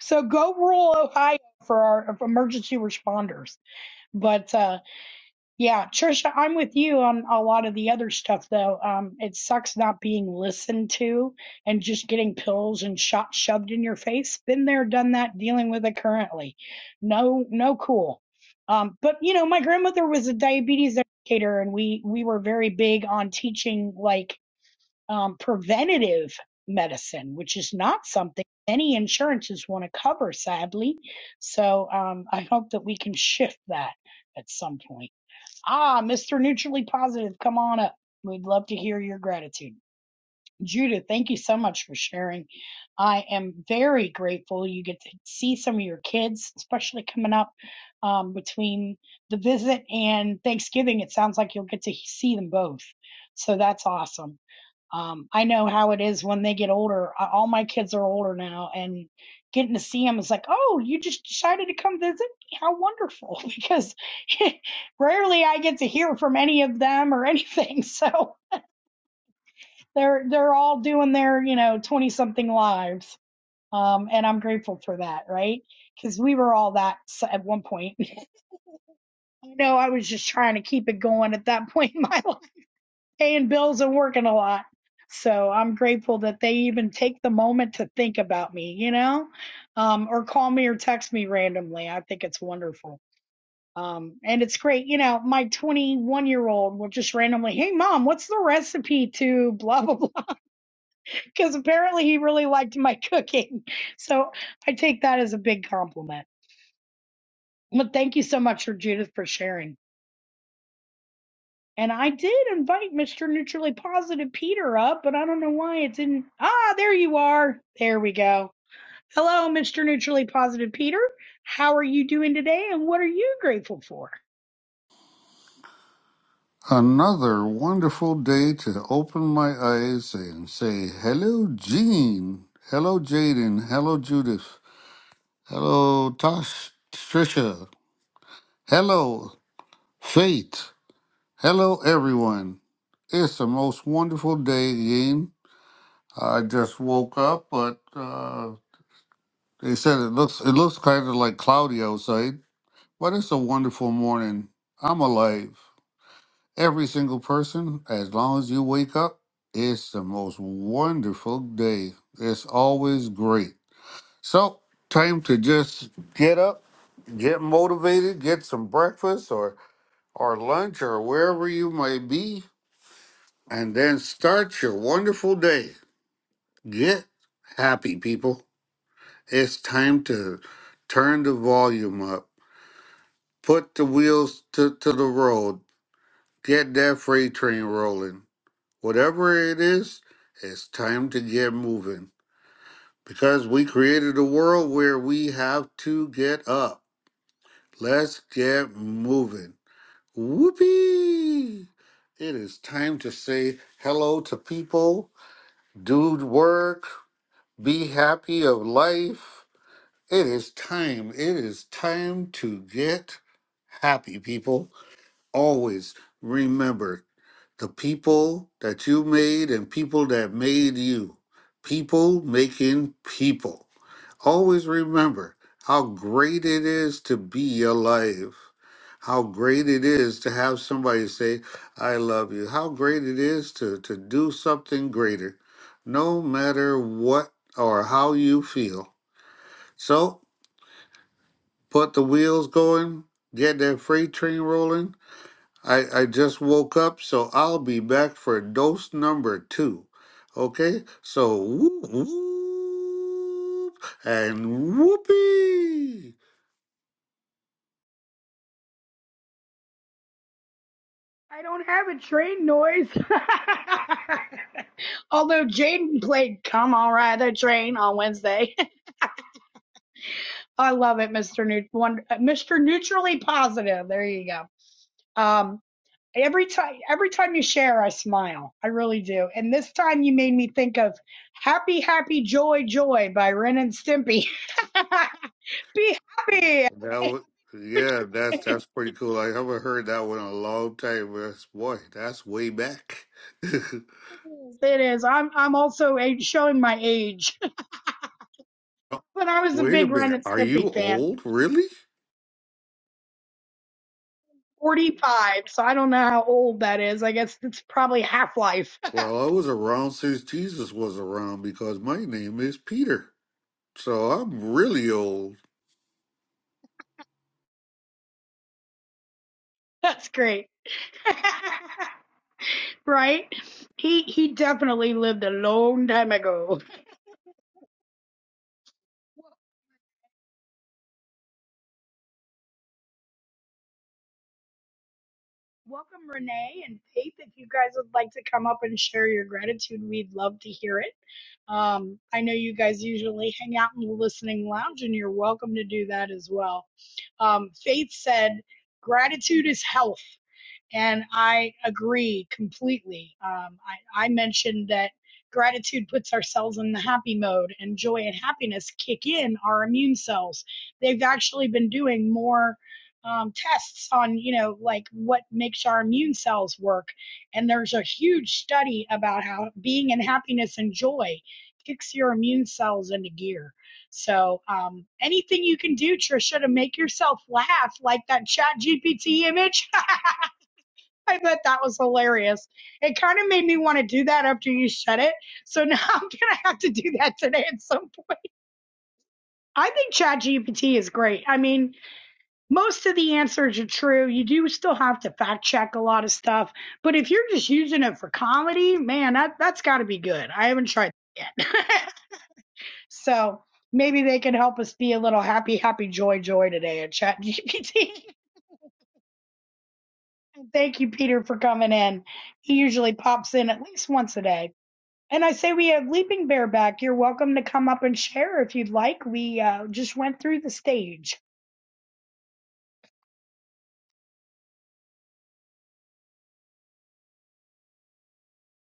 Speaker 1: So go rural Ohio for our for emergency responders. But, uh, yeah, Trisha, I'm with you on a lot of the other stuff though. Um, it sucks not being listened to and just getting pills and shots shoved in your face. Been there, done that, dealing with it currently. No, no cool. Um, but you know, my grandmother was a diabetes educator and we we were very big on teaching like um preventative medicine, which is not something any insurances want to cover, sadly. So um I hope that we can shift that at some point. Ah, Mr. Neutrally Positive, come on up. We'd love to hear your gratitude. Judith, thank you so much for sharing. I am very grateful you get to see some of your kids, especially coming up um, between the visit and Thanksgiving. It sounds like you'll get to see them both. So that's awesome. Um, I know how it is when they get older. All my kids are older now, and getting to see them is like, oh, you just decided to come visit? How wonderful! Because *laughs* rarely I get to hear from any of them or *laughs* anything. So they're they're all doing their you know twenty something lives, um, and I'm grateful for that, right? Because we were all that at one point. *laughs* I know I was just trying to keep it going at that *laughs* point in my life paying bills and working a lot. So I'm grateful that they even take the moment to think about me, you know, um, or call me or text me randomly. I think it's wonderful. Um, and it's great, you know, my 21 year old will just randomly, Hey mom, what's the recipe to blah, blah, blah. *laughs* Cause apparently he really liked my *laughs* cooking. So I take that as a big compliment. But thank you so much for Judith for sharing. And I did invite Mr. Neutrally Positive Peter up, but I don't know why it's in. Ah, there you are. There we go. Hello, Mr. Neutrally Positive Peter. How are you doing today and what are you grateful for?
Speaker 5: Another wonderful day to open my eyes and say, Hello, Jean. Hello, Jaden. Hello, Judith. Hello, Tosh, Trisha. Hello, Faith. Hello, everyone. It's the most wonderful day again. I just woke up, but uh, they said it looks it looks kind of like cloudy outside, but it's a wonderful morning. I'm alive. Every single person, as long as you wake up, it's the most wonderful day. It's always great. So, time to just get up, get motivated, get some breakfast or, or lunch or wherever you may be, and then start your wonderful day. Get happy, people. It's time to turn the volume up, put the wheels to, to the road, get that freight train rolling Whatever it is, it's time to get moving because we created a world where we have to get up. Let's get moving. Whoopee! It is time to say hello to people, do work, be happy of life. It is time. It is time to get happy, people. Always remember the people that you made and people that made you. People making people. Always remember how great it is to be alive. How great it is to have somebody say, I love you. How great it is to, to do something greater, no matter what or how you feel. So put the wheels going, get that freight train rolling, I, I just woke up, so I'll be back for dose number two. Okay, so whoop, whoop and whoopee.
Speaker 1: I don't have a train noise. *laughs* Although Jaden played Come on Ride the Train on Wednesday. *laughs* I love it, Mr. Neut- one, uh, Mr. Neutrally Positive. There you go. Um, Every time, every time you share, I smile. I really do. And this time, you made me think of "Happy, Happy, Joy, Joy" by Ren and Stimpy. *laughs* Be happy.
Speaker 5: That was, yeah, that's that's pretty cool. I haven't heard that one in a long time. That's, boy, that's way back. *laughs*
Speaker 1: it is. I'm I'm also age, showing my age. *laughs* But I was a
Speaker 5: Wait a
Speaker 1: big Ren
Speaker 5: minute,
Speaker 1: and
Speaker 5: are you
Speaker 1: Stimpy fan.
Speaker 5: old? Really?
Speaker 1: 45, so I don't know how old that is. I guess it's probably half life.
Speaker 5: Well, I was around since Jesus was around because my name is Peter, so I'm really old.
Speaker 1: *laughs* That's great. *laughs* right? He he definitely lived a long time ago. Welcome, Renee and Faith. If you guys would like to come up and share your gratitude, we'd love to hear it. Um, I know you guys usually hang out in the listening lounge, and you're welcome to do that as well. Um, Faith said, Gratitude is health. And I agree completely. Um, I, I mentioned that gratitude puts ourselves in the happy mode, and joy and happiness kick in our immune cells. They've actually been doing more um, tests on, you know, like what makes our immune cells work. And there's a huge study about how being in happiness and joy kicks your immune cells into gear. So um, anything you can do, Trisha, to make yourself laugh, like that Chat GPT image. *laughs* I bet that was hilarious. It kind of made me want to do that after you said it. So *laughs* now I'm gonna have to do that today at some point. I think ChatGPT is great. I mean, most of the answers are true. You do still have to fact check a lot of stuff, but if you're just using it for comedy, man, that that's got to be good. I haven't tried that yet, *laughs* so maybe they can help us be a little happy, happy, joy, joy today at ChatGPT. *laughs* Thank you, Peter, for coming in. He usually pops in at least once a day. And I say we have Leaping Bear back. You're welcome to come up and share if you'd like. We uh, just went through the stage.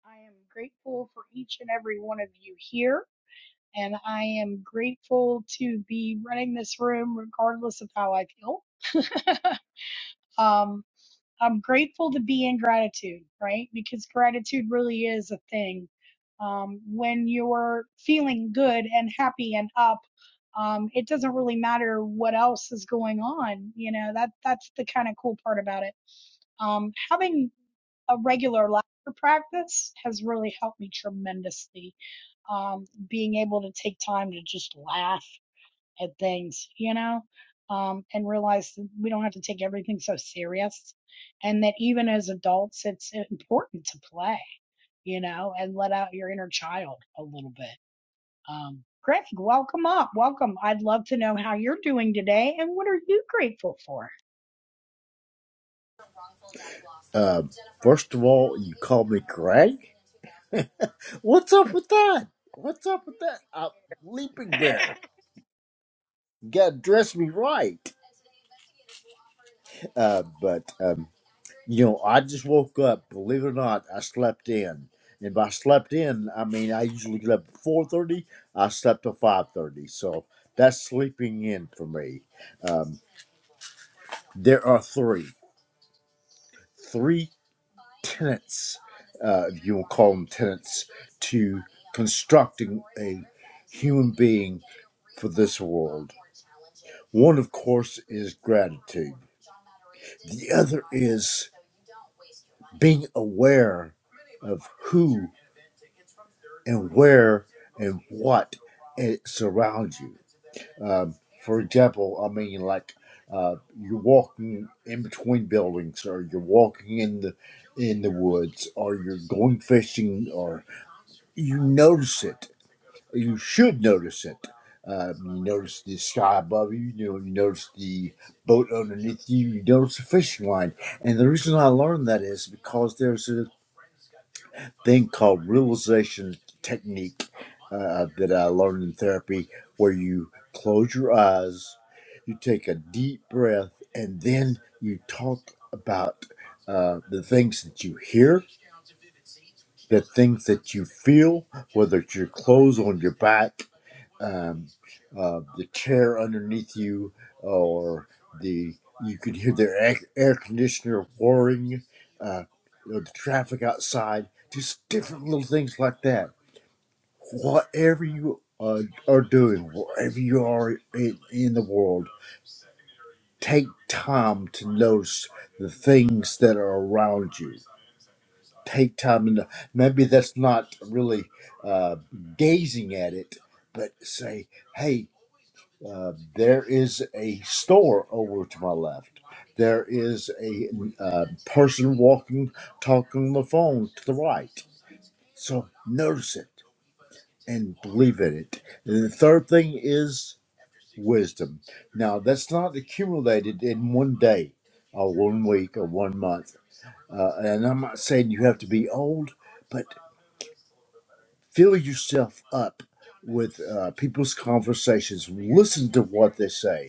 Speaker 1: I am grateful for each and every one of you here, and I am grateful to be running this room regardless of how I feel. *laughs* um, I'm grateful to be in gratitude, right? Because gratitude really is a thing. Um, when you're feeling good and happy and up, um, it doesn't really matter what else is going on. You know, that, that's the kind of cool part about it. Um, having a regular laughter practice has really helped me tremendously. Um, being able to take time to just laugh at things, you know, um, and realize that we don't have to take everything so serious, and that even as adults, it's important to play, you know, and let out your inner child a little bit. Um, Greg, welcome up, welcome. I'd love to know how you're doing today, and what are you grateful for?
Speaker 6: Uh, first of all, you call me Craig. What's up with that? What's up with that? Uh, Leaping Bear, you gotta dress me right. Uh, but um, you know, I just woke up. Believe it or not, I slept in, and by slept in, I mean I usually get up at four thirty. I slept till five thirty, so that's sleeping in for me. Um, there are three, three tenants, uh, if you will call them tenants to constructing a human being for this world. One, of course, is gratitude, the other is being aware of who and where and what it surrounds you. Um, for example, I mean, like uh, you're walking in between buildings, or you're walking in the in the woods, or you're going fishing, or you notice it you should notice it. Um, you notice the sky above you, you know, you notice the boat underneath you, you notice the fishing line. And the reason I learned that is because there's a thing called realization technique uh, that I learned in therapy where you close your eyes, you take a deep breath, and then you talk about uh, the things that you hear, the things that you feel, whether it's your clothes on your back um, uh, the chair underneath you, or the you could hear the air, air conditioner whirring, uh, you know, the traffic outside, just different little things like that. Whatever you uh, are doing, wherever you are in, in the world, take time to notice the things that are around you. Take time and maybe that's not really uh, gazing at it, but say, "Hey, Uh, there is a store over to my left. There is a uh, person walking, talking on the phone to the right. So notice it and believe in it. And the third thing is wisdom. Now, that's not accumulated in one day or one week or one month. Uh, and I'm not saying you have to be old, but fill yourself up with uh, people's conversations. Listen to what they say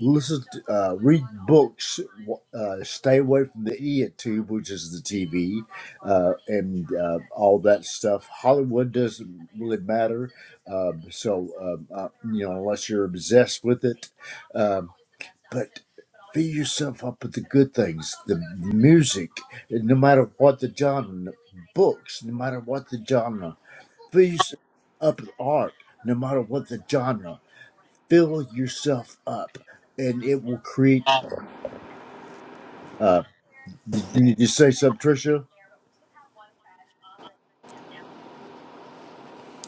Speaker 6: listen to, uh, read books w- uh, stay away from the idiot tube which is the tv uh, and uh, all that stuff hollywood doesn't really matter um, so um, uh, you know unless you're obsessed with it um, but fill yourself up with the good things the music no matter what the genre books no matter what the genre fill yourself up with art no matter what the genre fill yourself up and it will create Uh, did you need to say something, Tricia?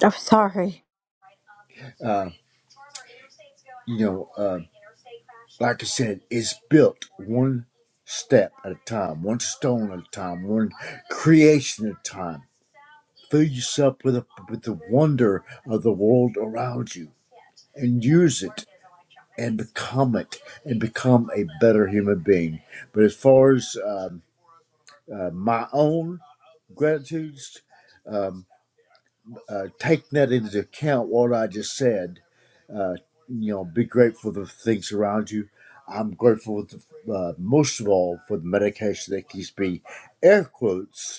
Speaker 3: I'm sorry.
Speaker 6: Uh, you know, uh, like I said, it's built one step at a time, one stone at a time, one creation at a time. Fill yourself with a, with the wonder of the world around you, and use it, and become it, and become a better human being. But as far as um, uh, my own gratitudes, um, uh, take that into account what I just said. Uh, you know, be grateful for the things around you. I'm grateful, to, uh, most of all, for the medication that keeps me, air quotes,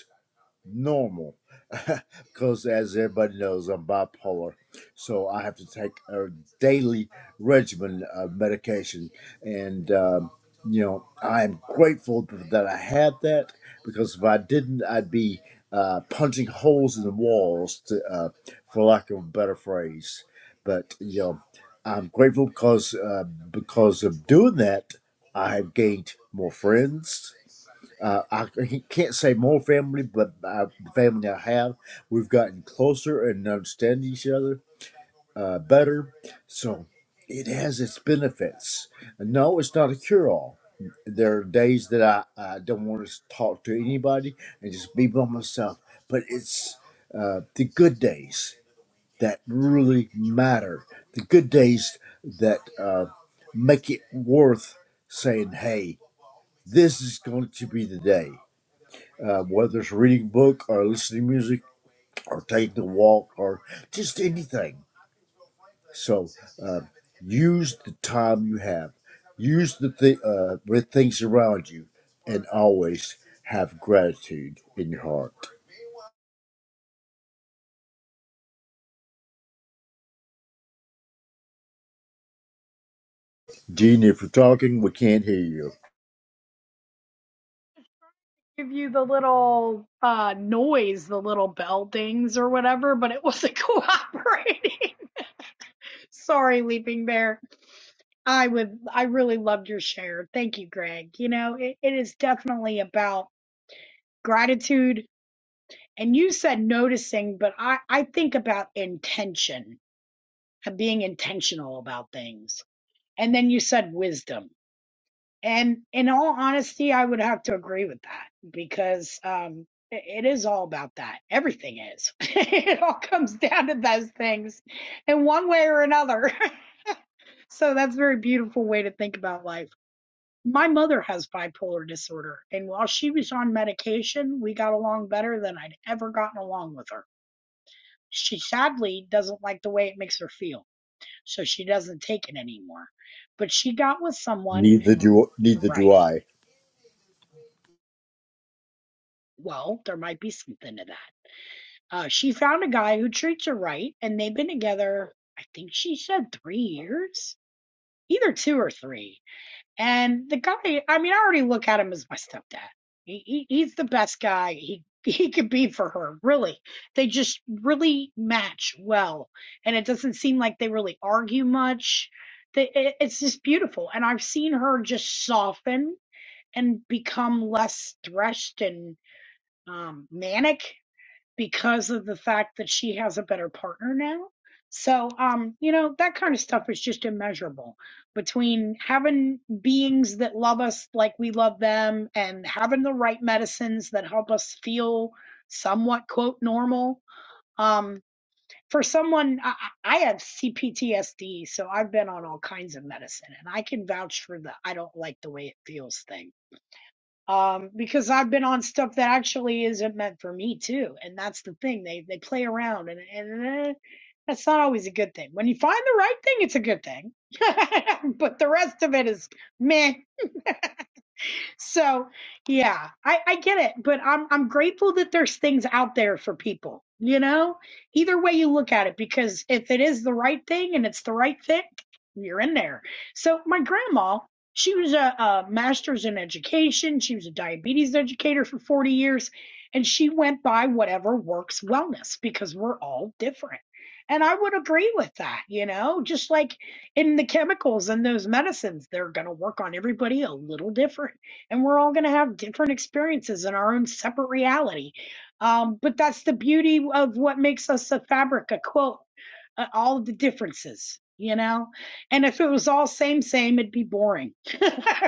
Speaker 6: normal *laughs* because as everybody knows i'm bipolar so i have to take a daily regimen of medication and um, you know i'm grateful that i had that because if i didn't i'd be uh, punching holes in the walls to, uh, for lack of a better phrase but you know i'm grateful because uh, because of doing that i have gained more friends uh, I c- can't say more family, but uh, the family I have, we've gotten closer and understand each other uh, better. So it has its benefits. No, it's not a cure all. There are days that I, I don't want to talk to anybody and just be by myself, but it's uh, the good days that really matter, the good days that uh, make it worth saying, hey, this is going to be the day uh, whether it's reading a book or listening to music or taking a walk or just anything. So uh, use the time you have, use the th- uh, the things around you, and always have gratitude in your heart. Gene, if you're talking, we can't hear you.
Speaker 1: Give you the little uh, noise, the little bell dings or whatever, but it wasn't *laughs* cooperating. Sorry, Leaping Bear. I would, I really loved your share. Thank you, Greg. You know, it, it is definitely about gratitude. And you said noticing, but I, I think about intention and being intentional about things. And then you said wisdom. And in all honesty, I would have to agree with that because um, it, it is all about that. Everything is. *laughs* it all comes down to those things in one way or another. *laughs* so that's a very beautiful way to think about life. My mother has bipolar disorder, and while she was on medication, we got along better than I'd ever gotten along with her. She sadly doesn't like the way it makes her feel, so she doesn't take it anymore. But she got with someone,
Speaker 6: Neither do neither do
Speaker 1: right?
Speaker 6: I.
Speaker 1: Well, there might be something to that. Uh, she found a guy who treats her right, and they've been together, I think she said three years, either two or three. And the guy, I mean, I already look at him as my stepdad. He, he he's the best guy he *laughs* he could be for her. Really, they just really match well, and it doesn't seem like they really argue much. They, it, it's just beautiful, and I've seen her just soften and become less stressed and um, manic because of the fact that she has a better partner now. So, um, you know, that kind of stuff is just immeasurable between having beings that love us like we love them and having the right medicines that help us feel somewhat quote normal. Um, for someone, I, I I have CPTSD, so I've been on all kinds of medicine and I can vouch for the I don't like the way it feels thing um, because I've been on stuff that actually isn't meant for me too, and that's the thing. They they play around, and and eh, that's not always a good thing. When you find the right thing, it's a good thing, *laughs* but the rest of it is meh so yeah, I, I get it, but I'm I'm grateful that there's things out there for people, you know? Either way you look at it, because if it is the right thing and it's the right thing, you're in there. So my grandma, she was a, a master's in education, she was a diabetes educator for 40 years, and she went by whatever works wellness because we're all different. And I would agree with that, you know, just like in the chemicals and those medicines, they're going to work on everybody a little different and we're all going to have different experiences in our own separate reality. Um, but that's the beauty of what makes us a fabric, a quilt, uh, all of the differences, you know? And if it was all same, same, it'd be boring.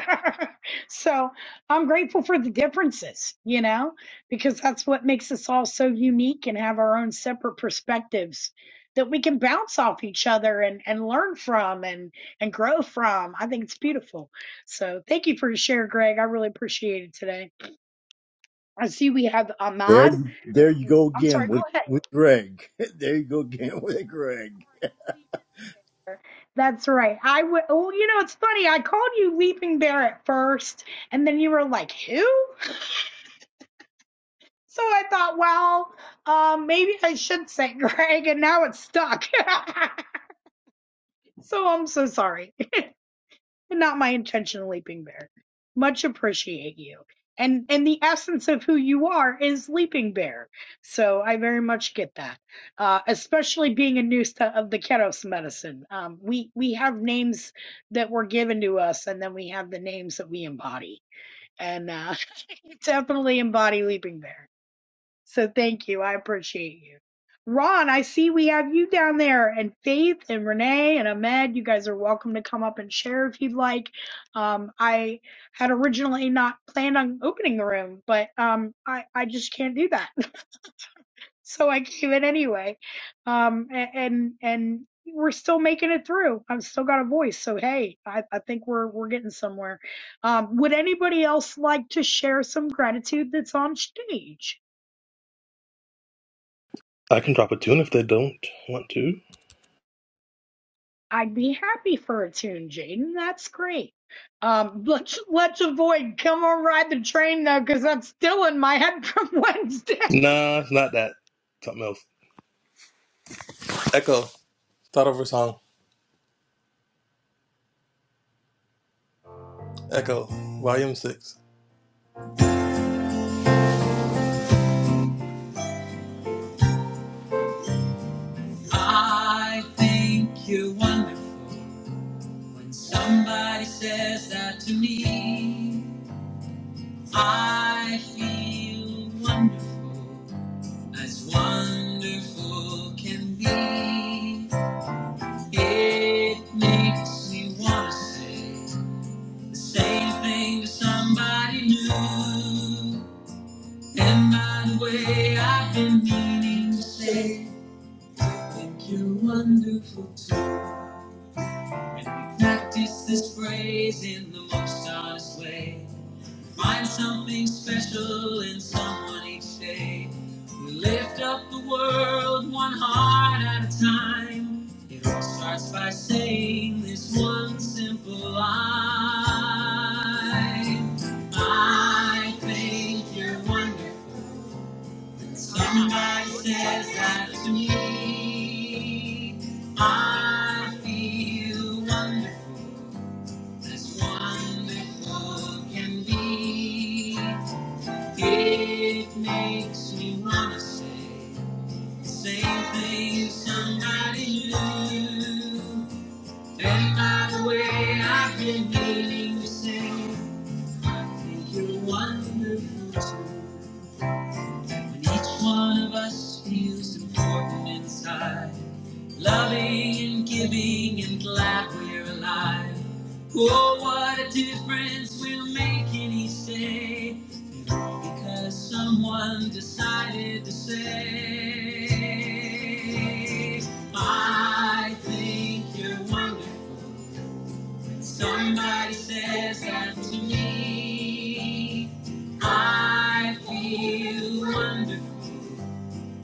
Speaker 1: *laughs* so I'm grateful for the differences, you know, because that's what makes us all so unique and have our own separate perspectives that we can bounce off each other and, and learn from and, and grow from. I think it's beautiful. So thank you for your share, Greg. I really appreciate it today. I see we have
Speaker 6: There,
Speaker 1: Ahmad.
Speaker 6: there you go
Speaker 1: I'm
Speaker 6: again
Speaker 1: sorry, go
Speaker 6: with
Speaker 1: ahead.
Speaker 6: with Greg. *laughs* There you go again with Greg.
Speaker 1: That's right. I would. Oh, you know, it's funny. I called you Leaping Bear at first, and then you were like, "Who?" So I thought, well, um, maybe I should say *laughs* Greg, and now it's stuck. *laughs* so I'm so sorry. not my intention of leaping bear much appreciate you and and the essence of who you are is leaping bear so i very much get that uh especially being a nuista of the keros medicine um we we have names that were given to us and then we have the names that we embody and uh *laughs* definitely embody leaping bear so thank you. I appreciate you. Ron, I see we have you down there, and Faith and Renee and Ahmed. You guys are welcome to come up and share if you'd like. Um, I had originally not planned on opening the room, but um, I I just can't do that, *laughs* so I came in anyway. Um, a- and and we're still making it through. I've still got a voice, so hey, I I think we're we're getting somewhere. Um, would anybody else like to share some gratitude that's on stage?
Speaker 2: I can drop a tune if they don't want to.
Speaker 1: I'd be happy for a tune, Jaden. That's great. Um, let's let's avoid "Come on, Ride the Train" though, because that's still in my head from *laughs* Wednesday.
Speaker 2: Nah, it's not that. Something else. Echo. Start over song. Echo. Volume 6. I think you're wonderful when somebody says that to me. I feel wonderful, as wonderful can be. It makes me wanna say the same thing to somebody new. And by the way, I've been meaning to say, I think you're wonderful too. And we practice this phrase in the most honest way. Find something special in someone each day. We lift up the world one heart at a time. It all starts by saying this one simple line. I think you're wonderful. Somebody says that to me. I feel wonderful, as wonderful can be. It makes me wanna say the same thing as somebody knew. And by the way, I've been meaning to say, I think you're wonderful too. When each one of us feels important inside, loving and giving and glad we're alive. Oh, what a difference we'll make in each day. Because someone decided to say, I think you're wonderful. When Somebody says that to me. I feel wonderful,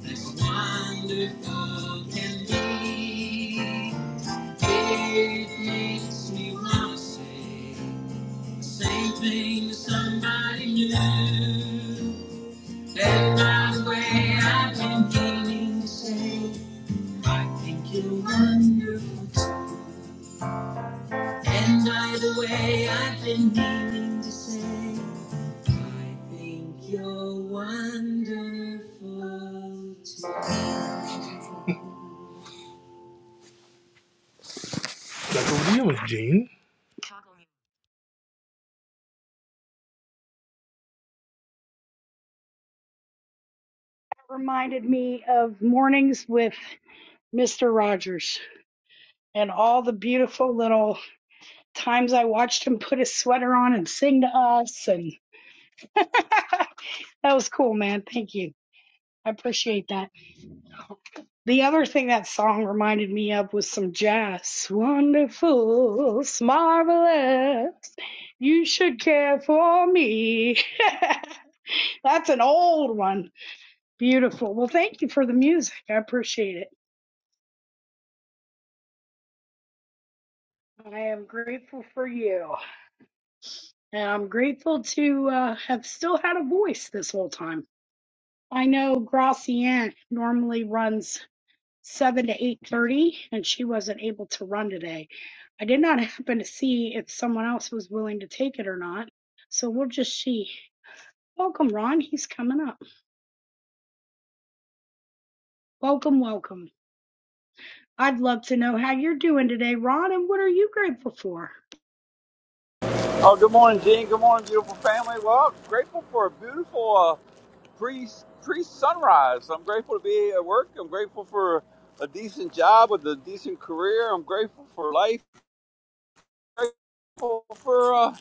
Speaker 2: as wonderful can be. It makes me want to say the same thing to somebody new. Let my way, I've been feeling safe. I think you're wonderful. And either way, I've been meaning to say, I think you're wonderful. too. That's what we was, Gene.
Speaker 1: Reminded me of mornings with Mister Rogers and all the beautiful little times I watched him put his sweater on and sing to us, and that was cool, man. Thank you. I appreciate that. The other thing that song reminded me of was some jazz. Wonderful, marvelous. You should care for me. *laughs* That's an old one. Beautiful. Well, thank you for the music. I appreciate it. I am grateful for you. And I'm grateful to uh, have still had a voice this whole time. I know Gracianne normally runs. seven to eight thirty, and she wasn't able to run today. I did not *laughs* happen to see if someone else was willing to take it or not, so we'll just see. Welcome, Ron. He's coming up. Welcome, welcome. I'd love to know how you're doing today, Ron, and what are you grateful for?
Speaker 7: Oh, good morning, Gene. Good morning, beautiful family. Well, I'm grateful for a beautiful uh, pre pre sunrise. I'm grateful to be at work. I'm grateful for a decent job with a decent career. I'm grateful for life. Grateful for uh,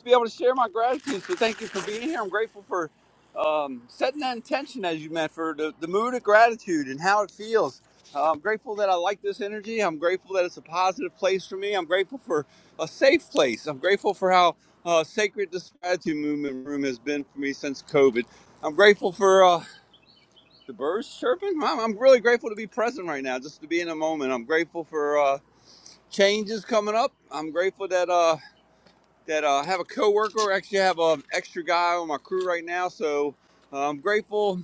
Speaker 7: to be able to share my gratitude. So thank you for being here. I'm grateful for um, setting that intention, as you meant, for the, the mood of gratitude and how it feels. Uh, I'm grateful that I like this energy. I'm grateful that it's a positive place for me. I'm grateful for a safe place. I'm grateful for how uh, sacred this gratitude movement room has been for me since COVID. I'm grateful for uh, the birds chirping. I'm, I'm really grateful to be present right now, just to be in a moment. I'm grateful for uh, changes coming up. I'm grateful that. Uh, that uh, have a coworker. Actually, I have an extra guy on my crew right now, so uh, I'm grateful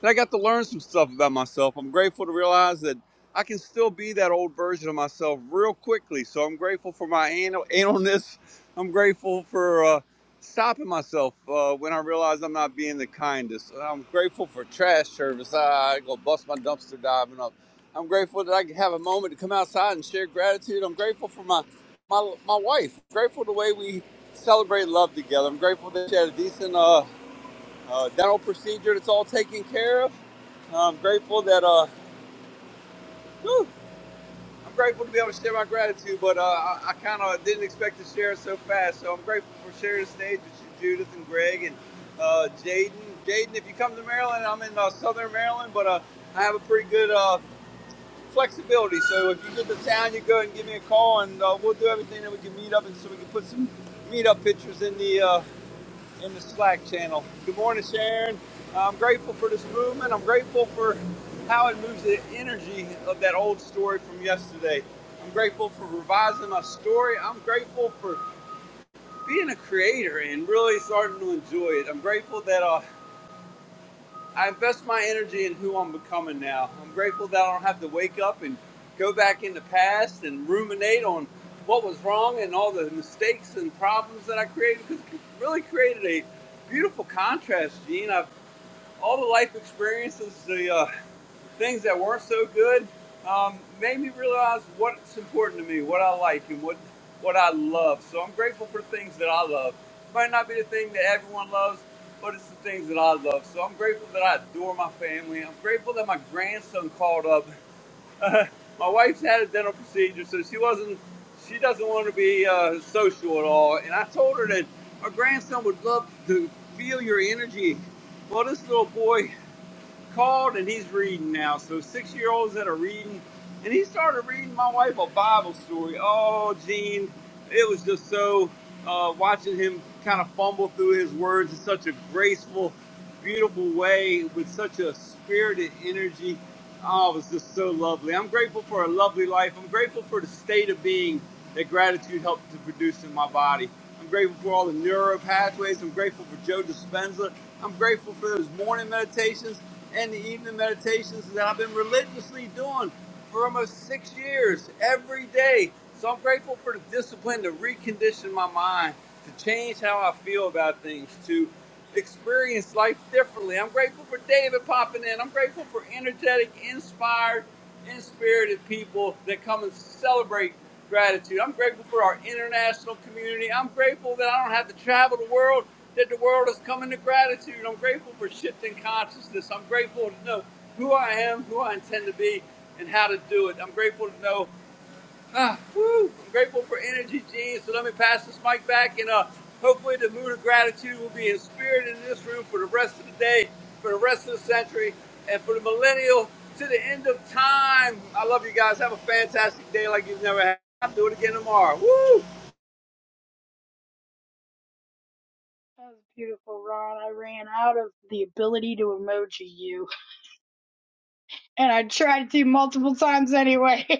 Speaker 7: and I got to learn some stuff about myself. I'm grateful to realize that I can still be that old version of myself real quickly. So I'm grateful for my anal- *laughs* analness. I'm grateful for uh, stopping myself uh, when I realize I'm not being the kindest. I'm grateful for trash service. Ah, I go bust my dumpster diving up. I'm grateful that I can have a moment to come outside and share gratitude. I'm grateful for my my, my wife. I'm grateful the way we celebrate love together. I'm grateful that she had a decent uh, uh, dental procedure that's all taken care of. I'm grateful that uh, whew, I'm grateful to be able to share my gratitude, but uh, I, I kind of didn't expect to share it so fast. So I'm grateful for sharing the stage with you, Judith and Greg and uh, Jaden. Jaden, if you come to Maryland, I'm in uh, Southern Maryland, but uh, I have a pretty good uh, flexibility. So if you get to town, you go and give me a call, and uh, we'll do everything that we can meet up, and so we can put some meet up pictures in the. uh, in the Slack channel. Good morning, Sharon. I'm grateful for this movement. I'm grateful for how it moves the energy of that old story from yesterday. I'm grateful for revising my story. I'm grateful for being a creator and really starting to enjoy it. I'm grateful that uh, I invest my energy in who I'm becoming now. I'm grateful that I don't have to wake up and go back in the past and ruminate on what was wrong and all the mistakes and problems that I created because it really created a beautiful contrast, Gene. I've all the life experiences, the uh, things that weren't so good um, made me realize what's important to me, what I like, and what what I love. So I'm grateful for things that I love. It Might not be the thing that everyone loves, but it's the things that I love. So I'm grateful that I adore my family. I'm grateful that my grandson called up. *laughs* my wife's had a dental procedure, so she wasn't. She doesn't want to be uh, social at all. And I told her that my grandson would love to feel your energy. Well, this little boy called and he's reading now. So six year olds that are reading, and he started reading my wife a Bible story. Oh, Gene, it was just so uh, watching him kind of fumble through his words in such a graceful, beautiful way with such a spirited energy. Oh, it was just so lovely. I'm grateful for a lovely life. I'm grateful for the state of being that gratitude helped to produce in my body. I'm grateful for all the neuro pathways. I'm grateful for Joe Dispenza. I'm grateful for those morning meditations and the evening meditations that I've been religiously doing for almost six years every day. So I'm grateful for the discipline to recondition my mind, to change how I feel about things, to experience life differently. I'm grateful for David popping in. I'm grateful for energetic, inspired, inspirited people that come and celebrate gratitude. I'm grateful for our international community. I'm grateful that I don't have to travel the world, that the world is coming to gratitude. I'm grateful for shifting consciousness. I'm grateful to know who I am, who I intend to be, and how to do it. I'm grateful to know Ah, woo! I'm grateful for energy, Gene. So let me pass this mic back, and uh, hopefully the mood of gratitude will be in spirit in this room for the rest of the day, for the rest of the century, and for the millennial to the end of time. I love you guys. Have a fantastic day like you've never had. I'll do it again tomorrow. Woo!
Speaker 1: That was beautiful, Ron. I ran out of the ability to emoji you, and I tried to multiple times anyway. *laughs*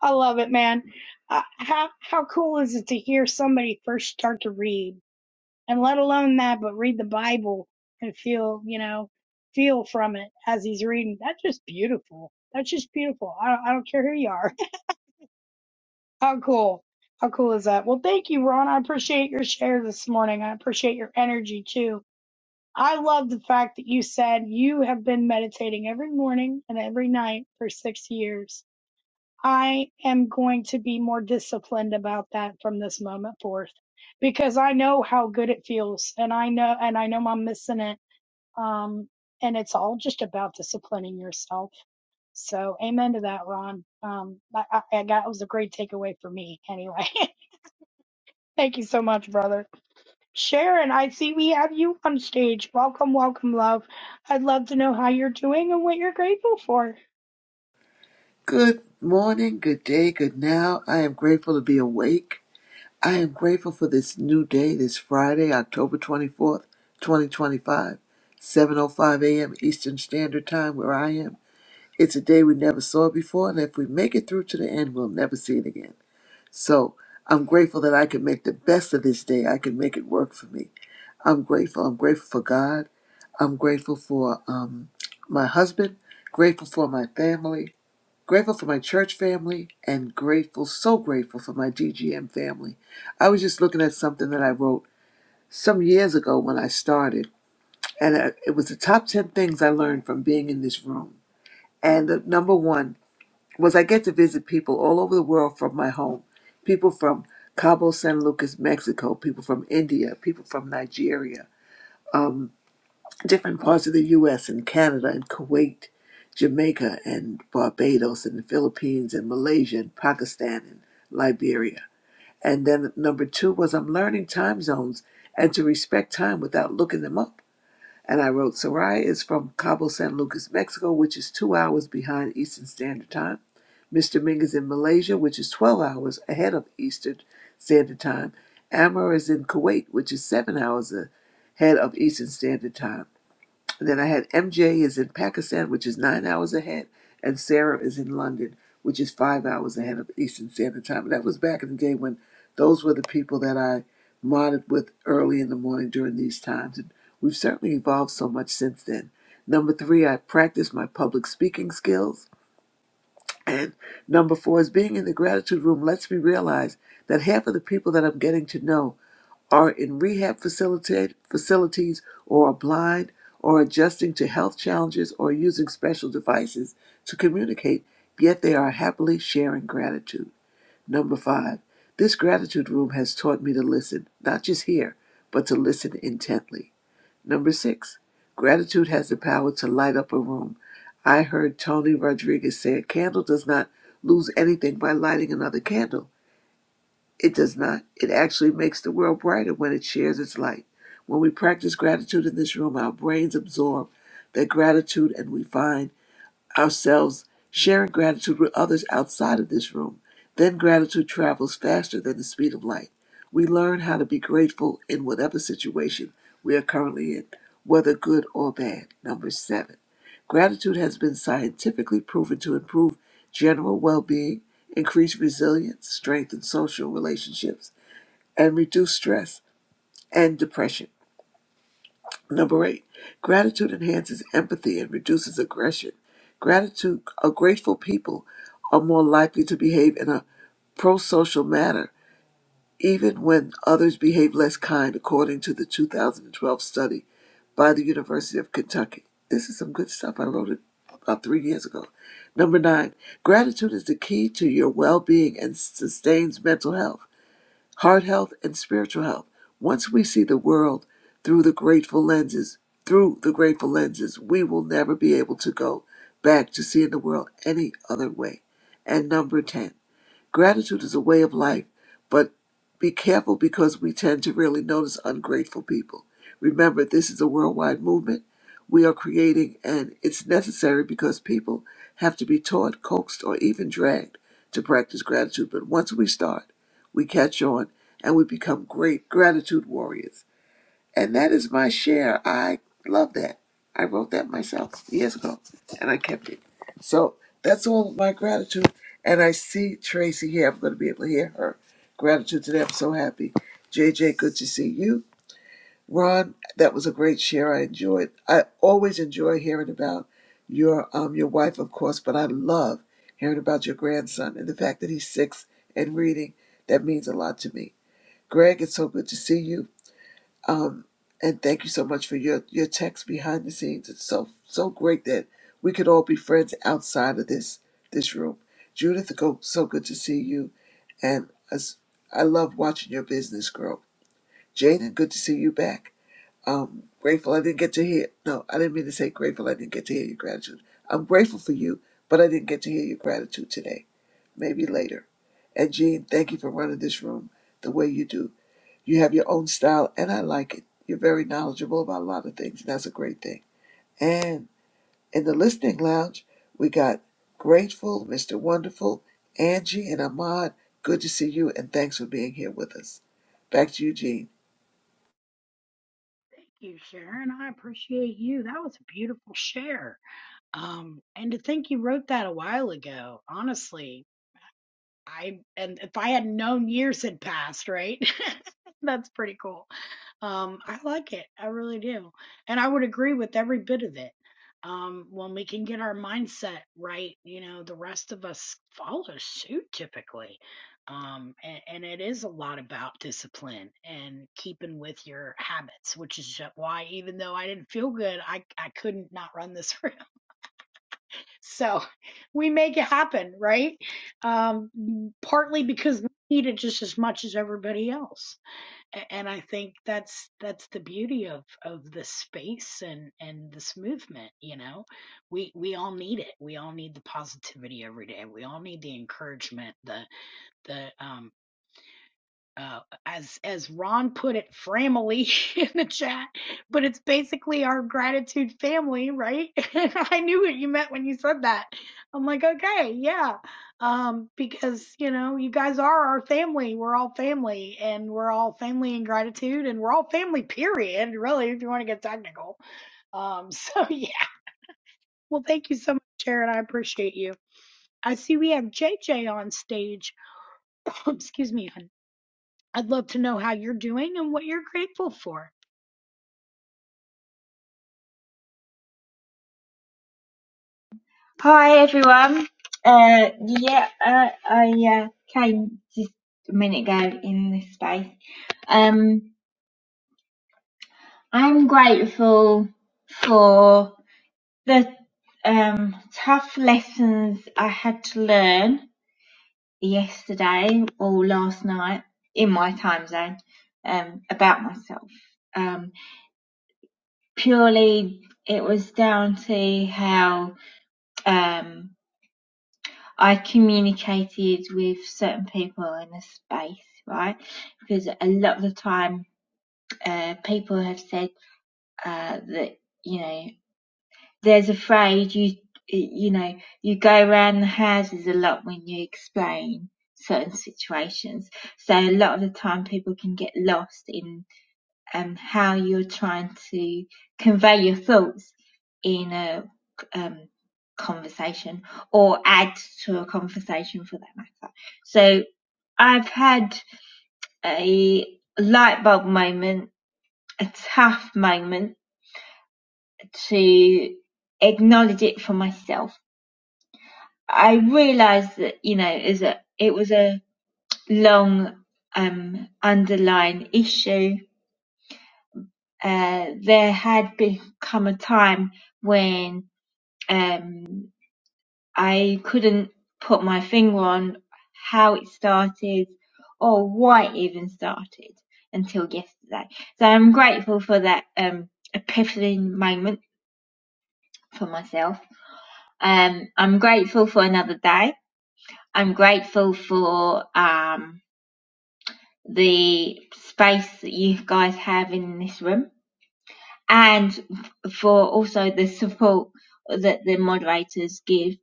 Speaker 1: I love it, man. Uh, how how cool is it to hear somebody first start to read? and let alone that, but read the Bible and feel, you know, feel from it as he's reading. That's just beautiful. That's just beautiful. I don't, I don't care who you are. *laughs* How cool. How cool is that? Well, thank you, Ron. I appreciate your share this morning. I appreciate your energy too. I love the fact that you said you have been meditating every morning and every night for six years I am going to be more disciplined about that from this moment forth because I know how good it feels and I know and I know I'm missing it. Um and it's all just about disciplining yourself. So amen to that, Ron. Um I, I, I got- that was a great takeaway for me anyway. *laughs* Thank you so much, brother. Sharon, I see we have you on stage. Welcome, welcome, love. I'd love to know how you're doing and what you're grateful for.
Speaker 8: Good morning, good day, good now. I am grateful to be awake. I am grateful for this new day, this Friday, October 24th, five, seven o five a.m. Eastern Standard Time where I am. It's a day we never saw before, and if we make it through to the end, we'll never see it again. So I'm grateful that I can make the best of this day. I can make it work for me. I'm grateful. I'm grateful for God. I'm grateful for um, my husband, grateful for my family, Grateful for my church family and grateful, so grateful for my DGM family. I was just looking at something that I wrote some years ago when I started, and uh, it was the top 10 things I learned from being in this room. And the number one was I get to visit people all over the world from my home people from Cabo San Lucas, Mexico, people from India, people from Nigeria. Um different parts of the U.S. and Canada and Kuwait, Jamaica and Barbados and the Philippines and Malaysia and Pakistan and Liberia. And then number two was I'm learning time zones and to respect time without looking them up. And I wrote, Soraya is from Cabo San Lucas, Mexico, which is two hours behind Eastern Standard Time. Mr. Ming is in Malaysia, which is 12 hours ahead of Eastern Standard Time. Amr is in Kuwait, which is seven hours ahead of Eastern Standard Time. And Then I had MJ is in Pakistan, which is nine hours ahead, and Sarah is in London, which is five hours ahead of Eastern Standard Time. And that was back in the day when those were the people that I modded with early in the morning during these times. And we've certainly evolved so much since then. Number three, I practice my public speaking skills. And number four is being in the gratitude room lets me realize that half of the people that I'm getting to know are in rehab facilita- facilities or are blind or adjusting to health challenges or using special devices to communicate, yet they are happily sharing gratitude. Number five, this gratitude room has taught me to listen, not just hear, but to listen intently. Number six, gratitude has the power to light up a room. I heard Tony Rodriguez say a candle does not lose anything by lighting another candle. It does not. It actually makes the world brighter when it shares its light. When we practice gratitude in this room, our brains absorb that gratitude and we find ourselves sharing gratitude with others outside of this room. Then gratitude travels faster than the speed of light. We learn how to be grateful in whatever situation we are currently in, whether good or bad. Number seven. Gratitude has been scientifically proven to improve general well being, increase resilience, strengthen social relationships and reduce stress and depression. Number eight, gratitude enhances empathy and reduces aggression. Gratitude, a grateful people are more likely to behave in a pro social manner, even when others behave less kind, according to the 2012 study by the University of Kentucky. This is some good stuff. I wrote it about three years ago. Number nine, gratitude is the key to your well being and sustains mental health. heart health, and spiritual health. Once we see the world through the grateful lenses, through the grateful lenses, we will never be able to go back to seeing the world any other way. And number 10. Gratitude is a way of life, but be careful because we tend to really notice ungrateful people. Remember, this is a worldwide movement we are creating, and it's necessary because people have to be taught, coaxed, or even dragged to practice gratitude. But once we start, we catch on and we become great gratitude warriors. And that is my share. I love that. I wrote that myself years ago and I kept it. So that's all my gratitude. And I see Tracy here. I'm going to be able to hear her gratitude today. I'm so happy. JJ, good to see you. Ron, that was a great share. I enjoyed. I always enjoy hearing about your um your wife, of course, but I love hearing about your grandson and the fact that he's six and reading. That means a lot to me. Greg, it's so good to see you. Um, and thank you so much for your, your text behind the scenes. It's so so great that we could all be friends outside of this this room. Judith, go so good to see you, and as I love watching your business grow. Jaden, good to see you back. Um, grateful I didn't get to hear. No, I didn't mean to say grateful I didn't get to hear your gratitude. I'm grateful for you, but I didn't get to hear your gratitude today. Maybe later. And Jean, thank you for running this room the way you do. You have your own style, and I like it. You're very knowledgeable about a lot of things, and that's a great thing. And in the listening lounge, we got Grateful, Mr. Wonderful, Angie, and Ahmad. Good to see you, and thanks for being here with us. Back to you, Gene.
Speaker 1: Thank you, Sharon. I appreciate you. That was a beautiful share. Um, and to think you wrote that a while ago, honestly, I and if I had known years had passed, right? *laughs* That's pretty cool. Um, I like it. I really do. And I would agree with every bit of it. Um, when we can get our mindset right, you know, the rest of us follow suit typically. Um, and, and it is a lot about discipline and keeping with your habits, which is ju- why even though I didn't feel good, I, I couldn't not run this *laughs* room. So we make it happen, right? Um, partly because we need it just as much as everybody else, and I think that's that's the beauty of of this space and and this movement. You know, we we all need it. We all need the positivity every day. We all need the encouragement, the the um, uh, as as Ron put it, family *laughs* in the chat, but it's basically our gratitude family, right? *laughs* And I knew what you meant when you said that. I'm like, okay, yeah, um, because you know, you guys are our family. We're all family, and we're all family in gratitude, and we're all family. Period. Really, if you want to get technical. Um, *laughs* so yeah. Well, thank you so much, Sharon. I appreciate you. I see we have JJ on stage. *coughs* Excuse me. I'd love to know how you're doing and what you're grateful for.
Speaker 9: Hi everyone. Uh, yeah, uh, I uh, came just a minute ago in this space. Um, I'm grateful for the um, tough lessons I had to learn yesterday or last night in my time zone um, about myself. Um, purely, it was down to how um, I communicated with certain people in the space, right? Because a lot of the time, uh, people have said uh, that you know, there's a phrase you you know you go around the houses a lot when you explain certain situations. So a lot of the time, people can get lost in um, how you're trying to convey your thoughts in a um, conversation or add to a conversation for that matter. So I've had a light bulb moment, a tough moment to acknowledge it for myself. I realised that, you know, is a, it was a long um, underlying issue. Uh, there had become a time when Um, I couldn't put my finger on how it started or why it even started until yesterday. So I'm grateful for that um, epiphany moment for myself. Um, I'm grateful for another day. I'm grateful for um, the space that you guys have in this room. and for also the support that the moderators give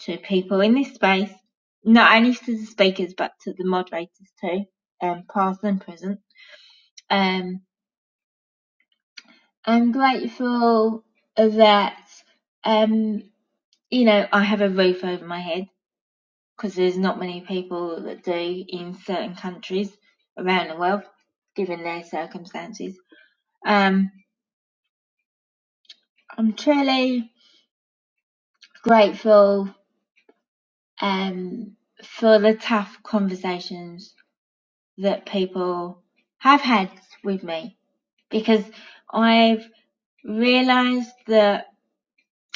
Speaker 9: to people in this space, not only to the speakers but to the moderators too, um, past and present. Um, I'm grateful that um, you know I have a roof over my head because there's not many people that do in certain countries around the world, given their circumstances. Um, I'm truly grateful um, for the tough conversations that people have had with me because I've realized that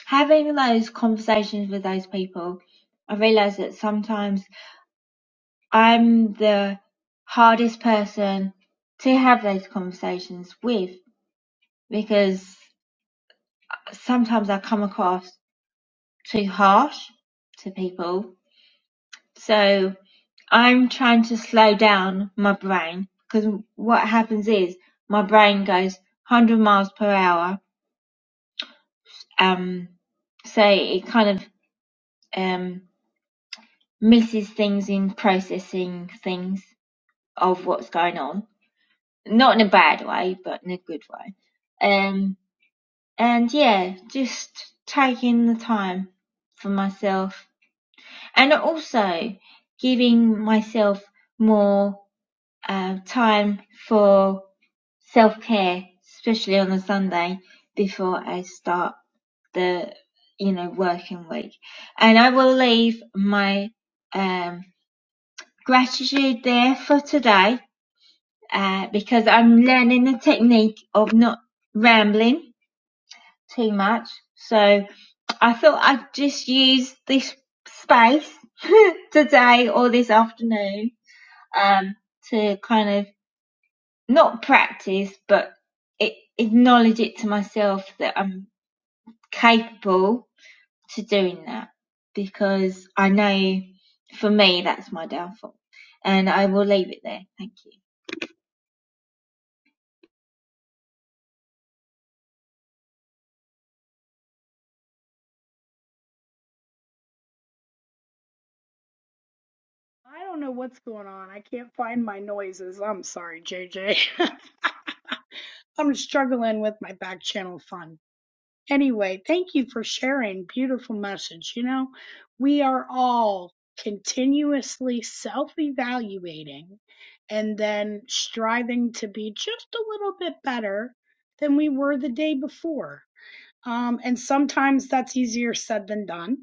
Speaker 9: having those conversations with those people, I realise that sometimes I'm the hardest person to have those conversations with because sometimes I come across too harsh to people So I'm trying to slow down my brain because what happens is my brain goes 100 miles per hour. Um, so it kind of um, misses things in processing things of what's going on. Not in a bad way, but in a good way. Um, and yeah, just taking the time for myself and also giving myself more uh, time for self-care, especially on a Sunday before I start the, you know, working week. And I will leave my um, gratitude there for today uh, because I'm learning the technique of not rambling too much. So I thought I'd just use this space *laughs* today or this afternoon um, to kind of not practice, but a- acknowledge it to myself that I'm capable to doing that because I know for me that's my downfall. And I will leave it there. Thank you.
Speaker 1: I don't know what's going on. I can't find my noises. I'm sorry, JJ. *laughs* I'm struggling with my back channel fun. Anyway, thank you for sharing. Beautiful message. You know, we are all continuously self evaluating and then striving to be just a little bit better than we were the day before. Um, and sometimes that's easier said than done.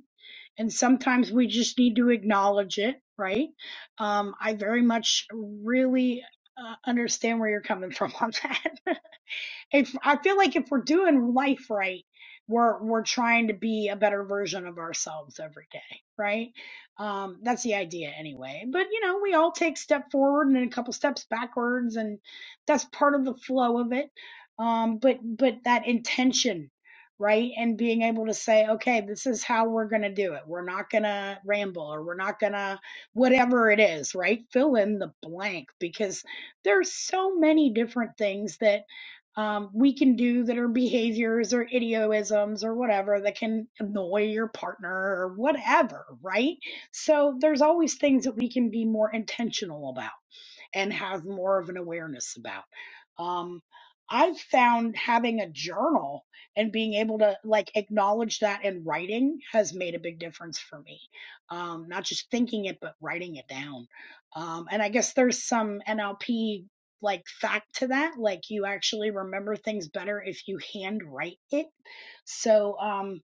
Speaker 1: And sometimes we just need to acknowledge it, right? Um, I very much really uh, understand where you're coming *laughs* from on that. *laughs* if I feel like if we're doing life right, we're we're trying to be a better version of ourselves every day, right? Um, that's the idea anyway. But you know, we all take a step forward and then a couple steps backwards, and that's part of the flow of it. Um, but but that intention, right, and being able to say, okay, this is how we're gonna do it. We're not gonna ramble, or we're not gonna whatever it is, right? Fill in the blank because there's so many different things that um, we can do that are behaviors or idioisms or whatever that can annoy your partner or whatever, right? So there's always things that we can be more intentional about and have more of an awareness about. Um, I've found having a journal and being able to like acknowledge that in writing has made a big difference for me. Um, not just thinking it, but writing it down. Um, and I guess there's some NLP like fact to that. Like you actually remember things better if you handwrite it. So, um,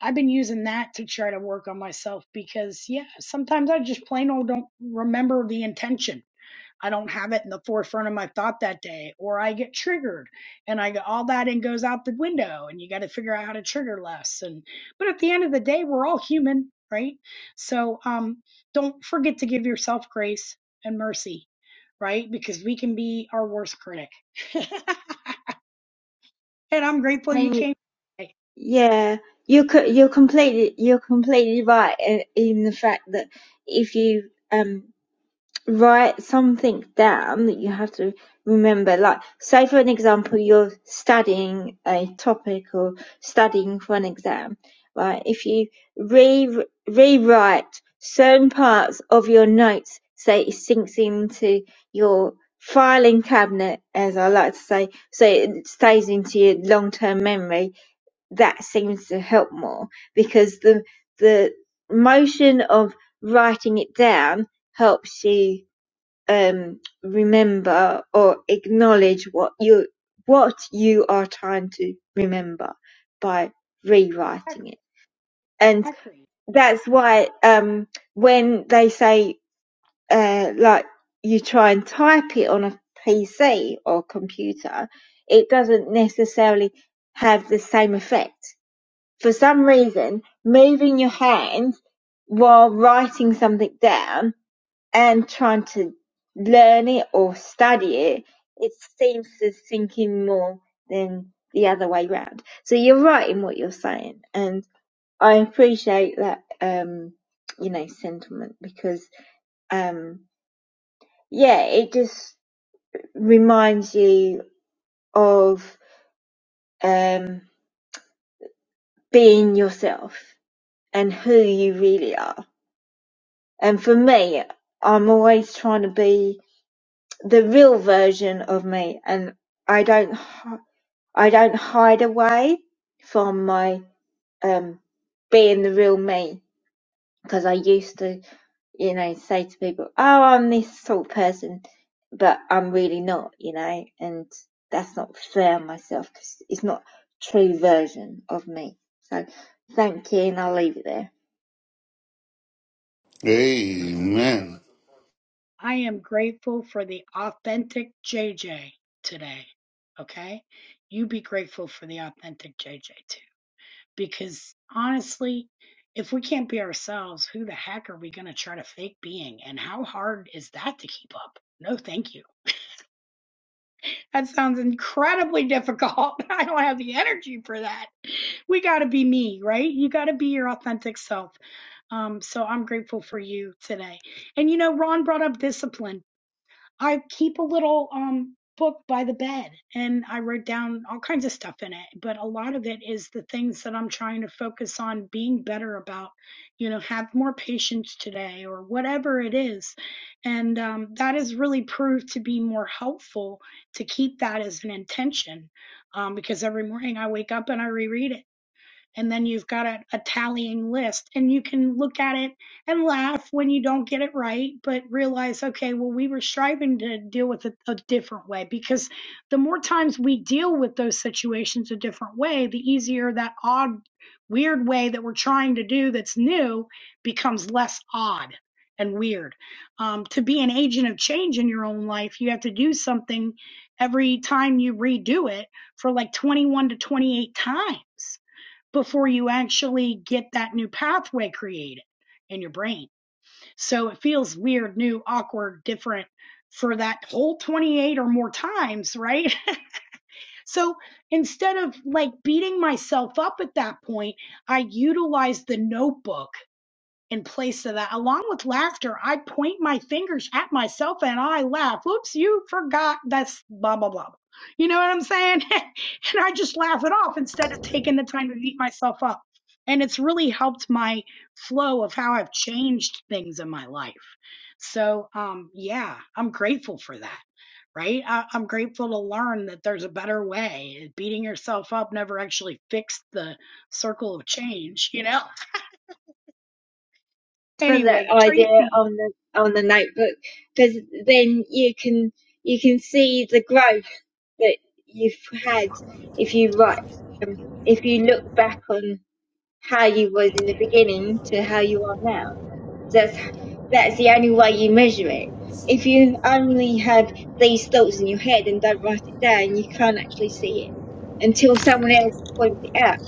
Speaker 1: I've been using that to try to work on myself because yeah, sometimes I just plain old don't remember the intention I don't have it in the forefront of my thought that day, or I get triggered and I go all that and goes out the window and you got to figure out how to trigger less. And, but at the end of the day, we're all human, right? So, um, don't forget to give yourself grace and mercy, right? Because we can be our worst critic. *laughs* and I'm grateful
Speaker 9: I
Speaker 1: you
Speaker 9: mean,
Speaker 1: came. today.
Speaker 9: yeah, you could, you're completely, you're completely right in, in the fact that if you, um write something down that you have to remember. Like, say for an example, you're studying a topic or studying for an exam, right? If you re- rewrite certain parts of your notes, say it sinks into your filing cabinet, as I like to say, so it stays into your long-term memory, that seems to help more because the, the motion of writing it down helps you um, remember or acknowledge what you what you are trying to remember by rewriting it and
Speaker 1: Exactly. exactly.
Speaker 9: that's why um, when they say uh, like you try and type it on a pc or computer it doesn't necessarily have the same effect for some reason moving your hand while writing something down and trying to learn it or study it, it seems to sink in more than the other way round. So you're right in what you're saying, and I appreciate that, um, you know, sentiment because, um, yeah, it just reminds you of um, being yourself and who you really are. And for me, I'm always trying to be the real version of me, and I don't I don't hide away from my um being the real me because I used to, you know, say to people, "Oh, I'm this sort of person," but I'm really not, you know, and that's not fair on myself because it's not true version of me. So, thank you, and I'll leave it there
Speaker 5: Amen.
Speaker 1: I am grateful for the authentic JJ today. Okay. You be grateful for the authentic JJ today. because honestly, if we can't be ourselves, who the heck are we going to try to fake being? And how hard is that to keep up? No, thank you. That sounds incredibly difficult. *laughs* I don't have the energy for that. We got to be me, right? You got to be your authentic self. Um, so I'm grateful for you today. And you know, Ron brought up discipline. I keep a little um book by the bed and I write down all kinds of stuff in it, but a lot of it is the things that I'm trying to focus on being better about, you know, have more patience today or whatever it is. And um, that has really proved to be more helpful to keep that as an intention um, because every morning I wake up and I reread it and then you've got a, a tallying list and you can look at it and laugh when you don't get it right but realize okay well we were striving to deal with it a different way because the more times we deal with those situations a different way the easier that odd weird way that we're trying to do that's new becomes less odd and weird um, to be an agent of change in your own life you have to do something every time you redo it for like 21 to 28 times before you actually get that new pathway created in your brain. So it feels weird, new, awkward, different for that whole 28 or more times, right? *laughs* so instead of like beating myself up at that point, I utilized the notebook in place of that. Along with laughter, I point my fingers at myself and I laugh. Oops, you forgot that's blah, blah, blah. You know what I'm saying? *laughs* and I just laugh it off instead of taking the time to beat myself up. And it's really helped my flow of how I've changed things in my life. So, um, yeah, I'm grateful for that. Right? I, I'm grateful to learn that there's a better way. Beating yourself up never actually fixed the circle of change, you know?
Speaker 9: for that
Speaker 1: Anyway,
Speaker 9: idea
Speaker 1: Tracy,
Speaker 9: on the on the notebook because then you can you can see the growth that you've had if you write um, if you look back on how you was in the beginning to how you are now that's that's the only way you measure it if you only have these thoughts in your head and don't write it down you can't actually see it until someone else points it out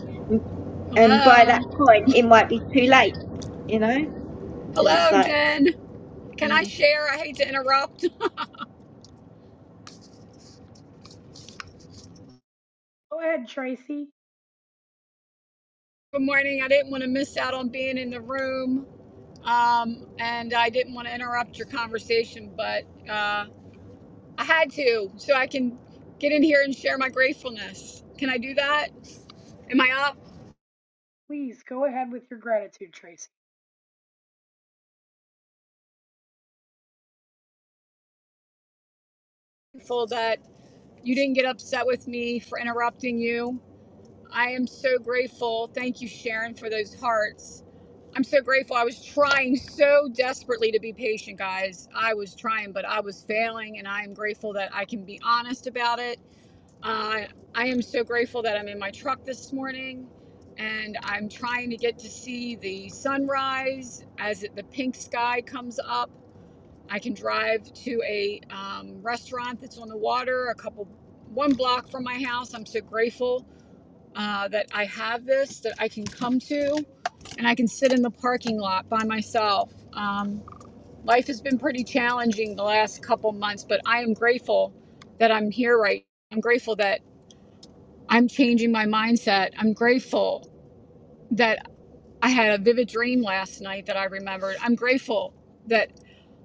Speaker 9: and by that
Speaker 10: Hello.
Speaker 9: point it might be too late you know because it's
Speaker 10: Hello,
Speaker 9: like
Speaker 10: Jen. Can
Speaker 9: yeah
Speaker 10: I share? I hate to interrupt. *laughs*
Speaker 1: Go ahead, Tracy.
Speaker 10: Good morning. I didn't want to miss out on being in the room. Um, and I didn't want to interrupt your conversation, but uh, I had to so I can get in here and share my gratefulness. Can I do that? Am I up?
Speaker 1: Please go ahead with your gratitude, Tracy.
Speaker 10: Grateful that you didn't get upset with me for interrupting you. I am so grateful. Thank you, Sharon, for those hearts. I'm so grateful. I was trying so desperately to be patient, guys. I was trying, but I was failing, and I am grateful that I can be honest about it. Uh, I am so grateful that I'm in my truck this morning, and I'm trying to get to see the sunrise as it, the pink sky comes up. I can drive to a um, restaurant that's on the water, a couple, one block from my house. I'm so grateful uh, that I have this that I can come to and I can sit in the parking lot by myself. Um, life has been pretty challenging the last couple months, but I am grateful that I'm here right. now. I'm grateful that I'm changing my mindset. I'm grateful that I had a vivid dream last night that I remembered. I'm grateful that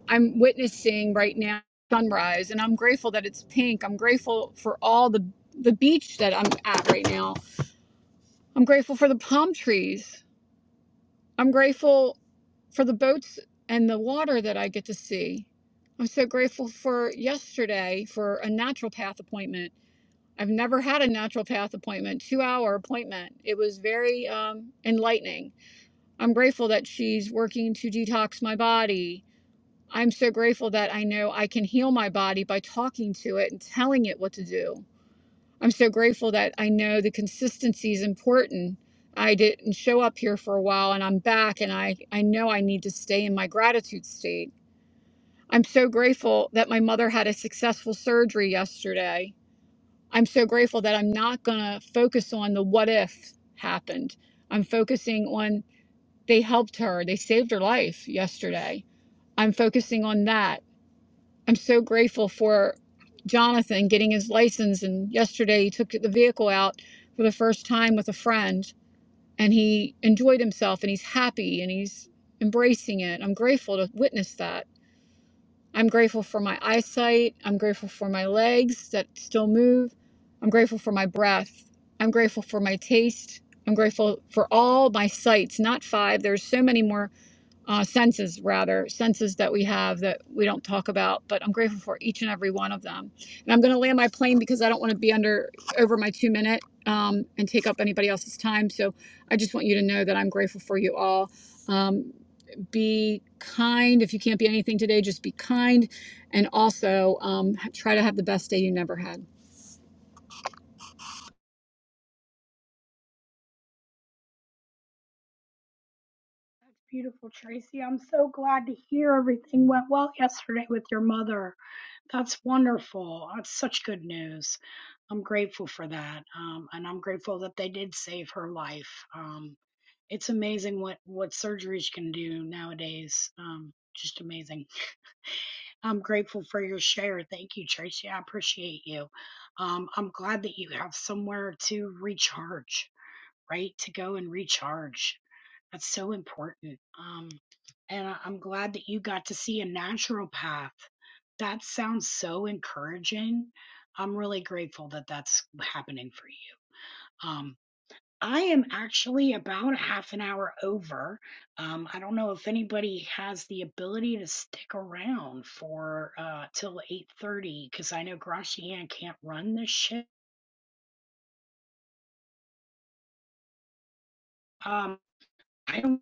Speaker 10: I'm witnessing right now sunrise and I'm grateful that it's pink. I'm grateful for all the the beach that I'm at right now. I'm grateful for the palm trees I'm grateful for the boats and the water that I get to see. I'm so grateful for yesterday for a naturopath appointment. I've never had a naturopath appointment, two hour appointment. It was very um, enlightening. I'm grateful that she's working to detox my body. I'm so grateful that I know I can heal my body by talking to it and telling it what to do. I'm so grateful that I know the consistency is important. I didn't show up here for a while and I'm back and I, I know I need to stay in my gratitude state. I'm so grateful that my mother had a successful surgery yesterday. I'm so grateful that I'm not going to focus on the what if happened. I'm focusing on they helped her, they saved her life yesterday. I'm focusing on that. I'm so grateful for Jonathan getting his license. And yesterday he took the vehicle out for the first time with a friend and he enjoyed himself and he's happy and he's embracing it. I'm grateful to witness that. I'm grateful for my eyesight. I'm grateful for my legs that still move. I'm grateful for my breath. I'm grateful for my taste. I'm grateful for all my sights, not five. There's so many more uh, senses rather senses that we have that we don't talk about but i'm grateful for each and every one of them and i'm going to land my plane because i don't want to be under over my two minute um, and take up anybody else's time so i just want you to know that i'm grateful for you all um, be kind if you can't be anything today just be kind and also um, try to have the best day you never had
Speaker 1: That's beautiful, Tracy. I'm so glad to hear everything went well yesterday with your mother. That's wonderful. That's such good news. I'm grateful for that. Um, and I'm grateful that they did save her life. Um, it's amazing what, what surgeries can do nowadays. Um, just amazing. I'm grateful for your share. Thank you, Tracy. I appreciate you. Um, I'm glad that you have somewhere to recharge right? To go and recharge. That's so important. Um, and I- I'm glad that you got to see a naturopath. That sounds so encouraging. I'm really grateful that that's happening for you. Um, I am actually about a half an hour over. Um, I don't know if anybody has the ability to stick around for uh, till 8:30 because I know Gracian can't run this shit. Um, I don't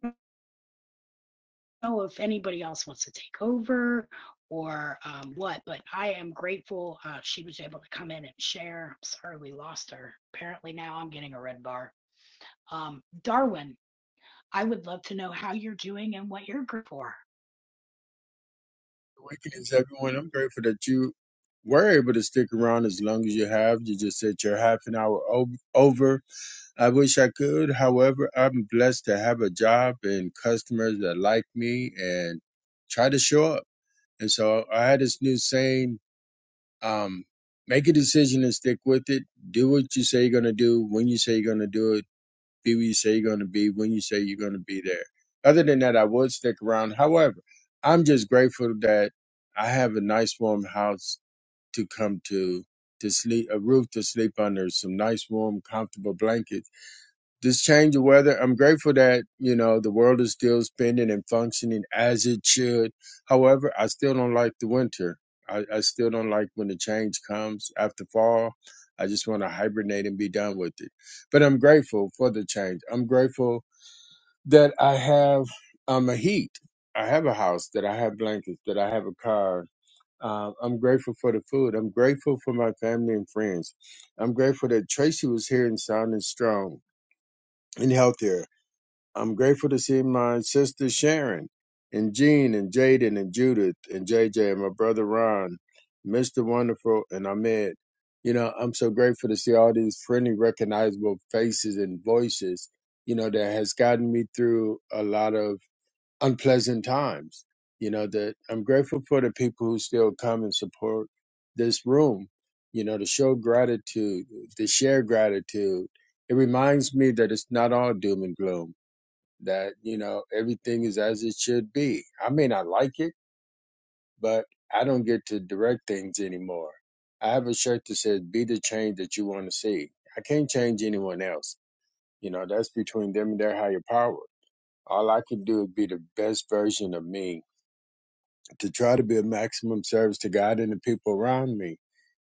Speaker 1: know if anybody else wants to take over or um, what, but I am grateful uh, she was able to come in and share. I'm sorry we lost her. Apparently now I'm getting a red bar. Um, Darwin, I would love to know how you're doing and what you're grateful for.
Speaker 11: Greetings, everyone. I'm grateful that you were able to stick around as long as you have. You just said you're half an hour o- over. I wish I could. However, I'm blessed to have a job and customers that like me and try to show up. And so I had this new saying um, make a decision and stick with it. Do what you say you're going to do when you say you're going to do it be where you say you're going to be when you say you're going to be there. Other than that, I would stick around. However, I'm just grateful that I have a nice warm house to come to, to sleep, a roof to sleep under, some nice warm, comfortable blankets this change of weather. I'm grateful that, you know, the world is still spinning and functioning as it should. However, I still don't like the winter. I, I still don't like when the change comes after fall. I just want to hibernate and be done with it. But I'm grateful for the change. I'm grateful that I have um, a heat. I have a house, that I have blankets, that I have a car. Uh, I'm grateful for the food. I'm grateful for my family and friends. I'm grateful that Tracy was here and sound and strong and healthier. I'm grateful to see my sister Sharon and Jean and Jaden and Judith and JJ and my brother Ron, Mr. Wonderful and Ahmed. You know, I'm so grateful to see all these friendly, recognizable faces and voices, you know, that has gotten me through a lot of unpleasant times. You know, that I'm grateful for the people who still come and support this room, you know, to show gratitude, to share gratitude. It reminds me that it's not all doom and gloom that you know everything is as it should be. I may not like it, but I don't get to direct things anymore. I have a shirt that says "Be the change that you want to see." I can't change anyone else. You know that's between them and their higher power. All I can do is be the best version of me to try to be of maximum service to God and the people around me.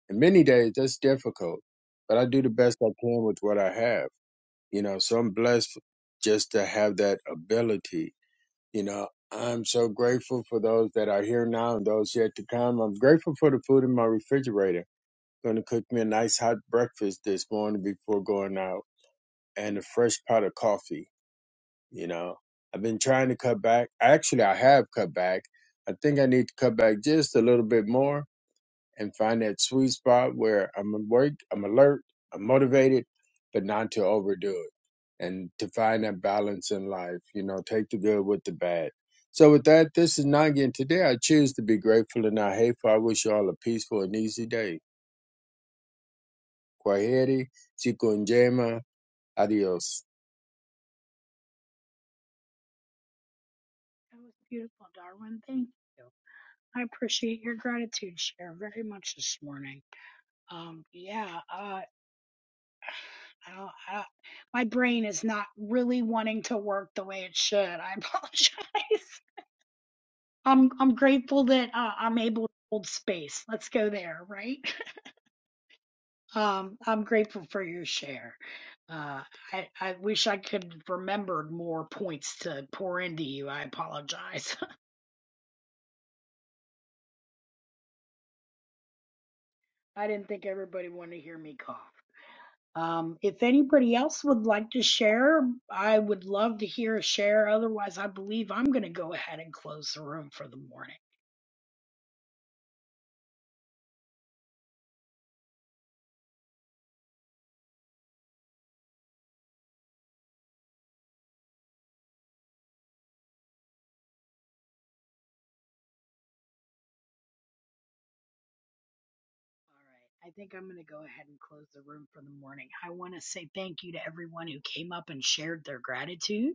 Speaker 11: And many days that's difficult, but I do the best I can with what I have. You know, so I'm blessed just to have that ability You know, I'm so grateful for those that are here now and those yet to come. I'm grateful for the food in my refrigerator. Going to cook me a nice hot breakfast this morning before going out and a fresh pot of coffee. You know, I've been trying to cut back. Actually, I have cut back. I think I need to cut back just a little bit more and find that sweet spot where I'm awake, I'm alert, I'm motivated, but not to overdo it. And to find that balance in life, you know, take the good with the bad. So with that, this is Nagin. Today I choose to be grateful and not hateful. I wish you all a peaceful and easy day. Kwaheri, siku njema, adios.
Speaker 1: That was beautiful, Darwin. Thank you. I appreciate your gratitude share very much this morning. Um, yeah, uh, I, I, my brain is not really wanting to work the way it should. I apologize. *laughs* I'm I'm grateful that uh, I'm able to hold space. Let's go there, right? *laughs* Um, I'm grateful for your share. Uh, I I wish I could have remembered more points to pour into you. I apologize. *laughs* I didn't think everybody wanted to hear me cough. Um, if anybody else would like to share, I would love to hear a share. Otherwise, I believe I'm going to go ahead and close the room for the morning. All right. I think I'm going to go ahead and close the room for the morning. I want to say thank you to everyone who came up and shared their gratitude.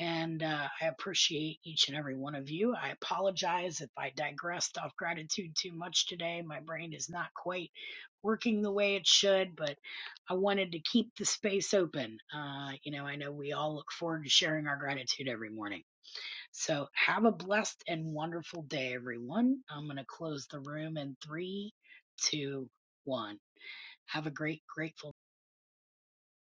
Speaker 1: And uh, I appreciate each and every one of you. I apologize if I digressed off gratitude too much today. My brain is not quite working the way it should, but I wanted to keep the space open. Uh, you know, I know we all look forward to sharing our gratitude every morning. So have a blessed and wonderful day, everyone. I'm going to close the room in three, two, one. Have a great, grateful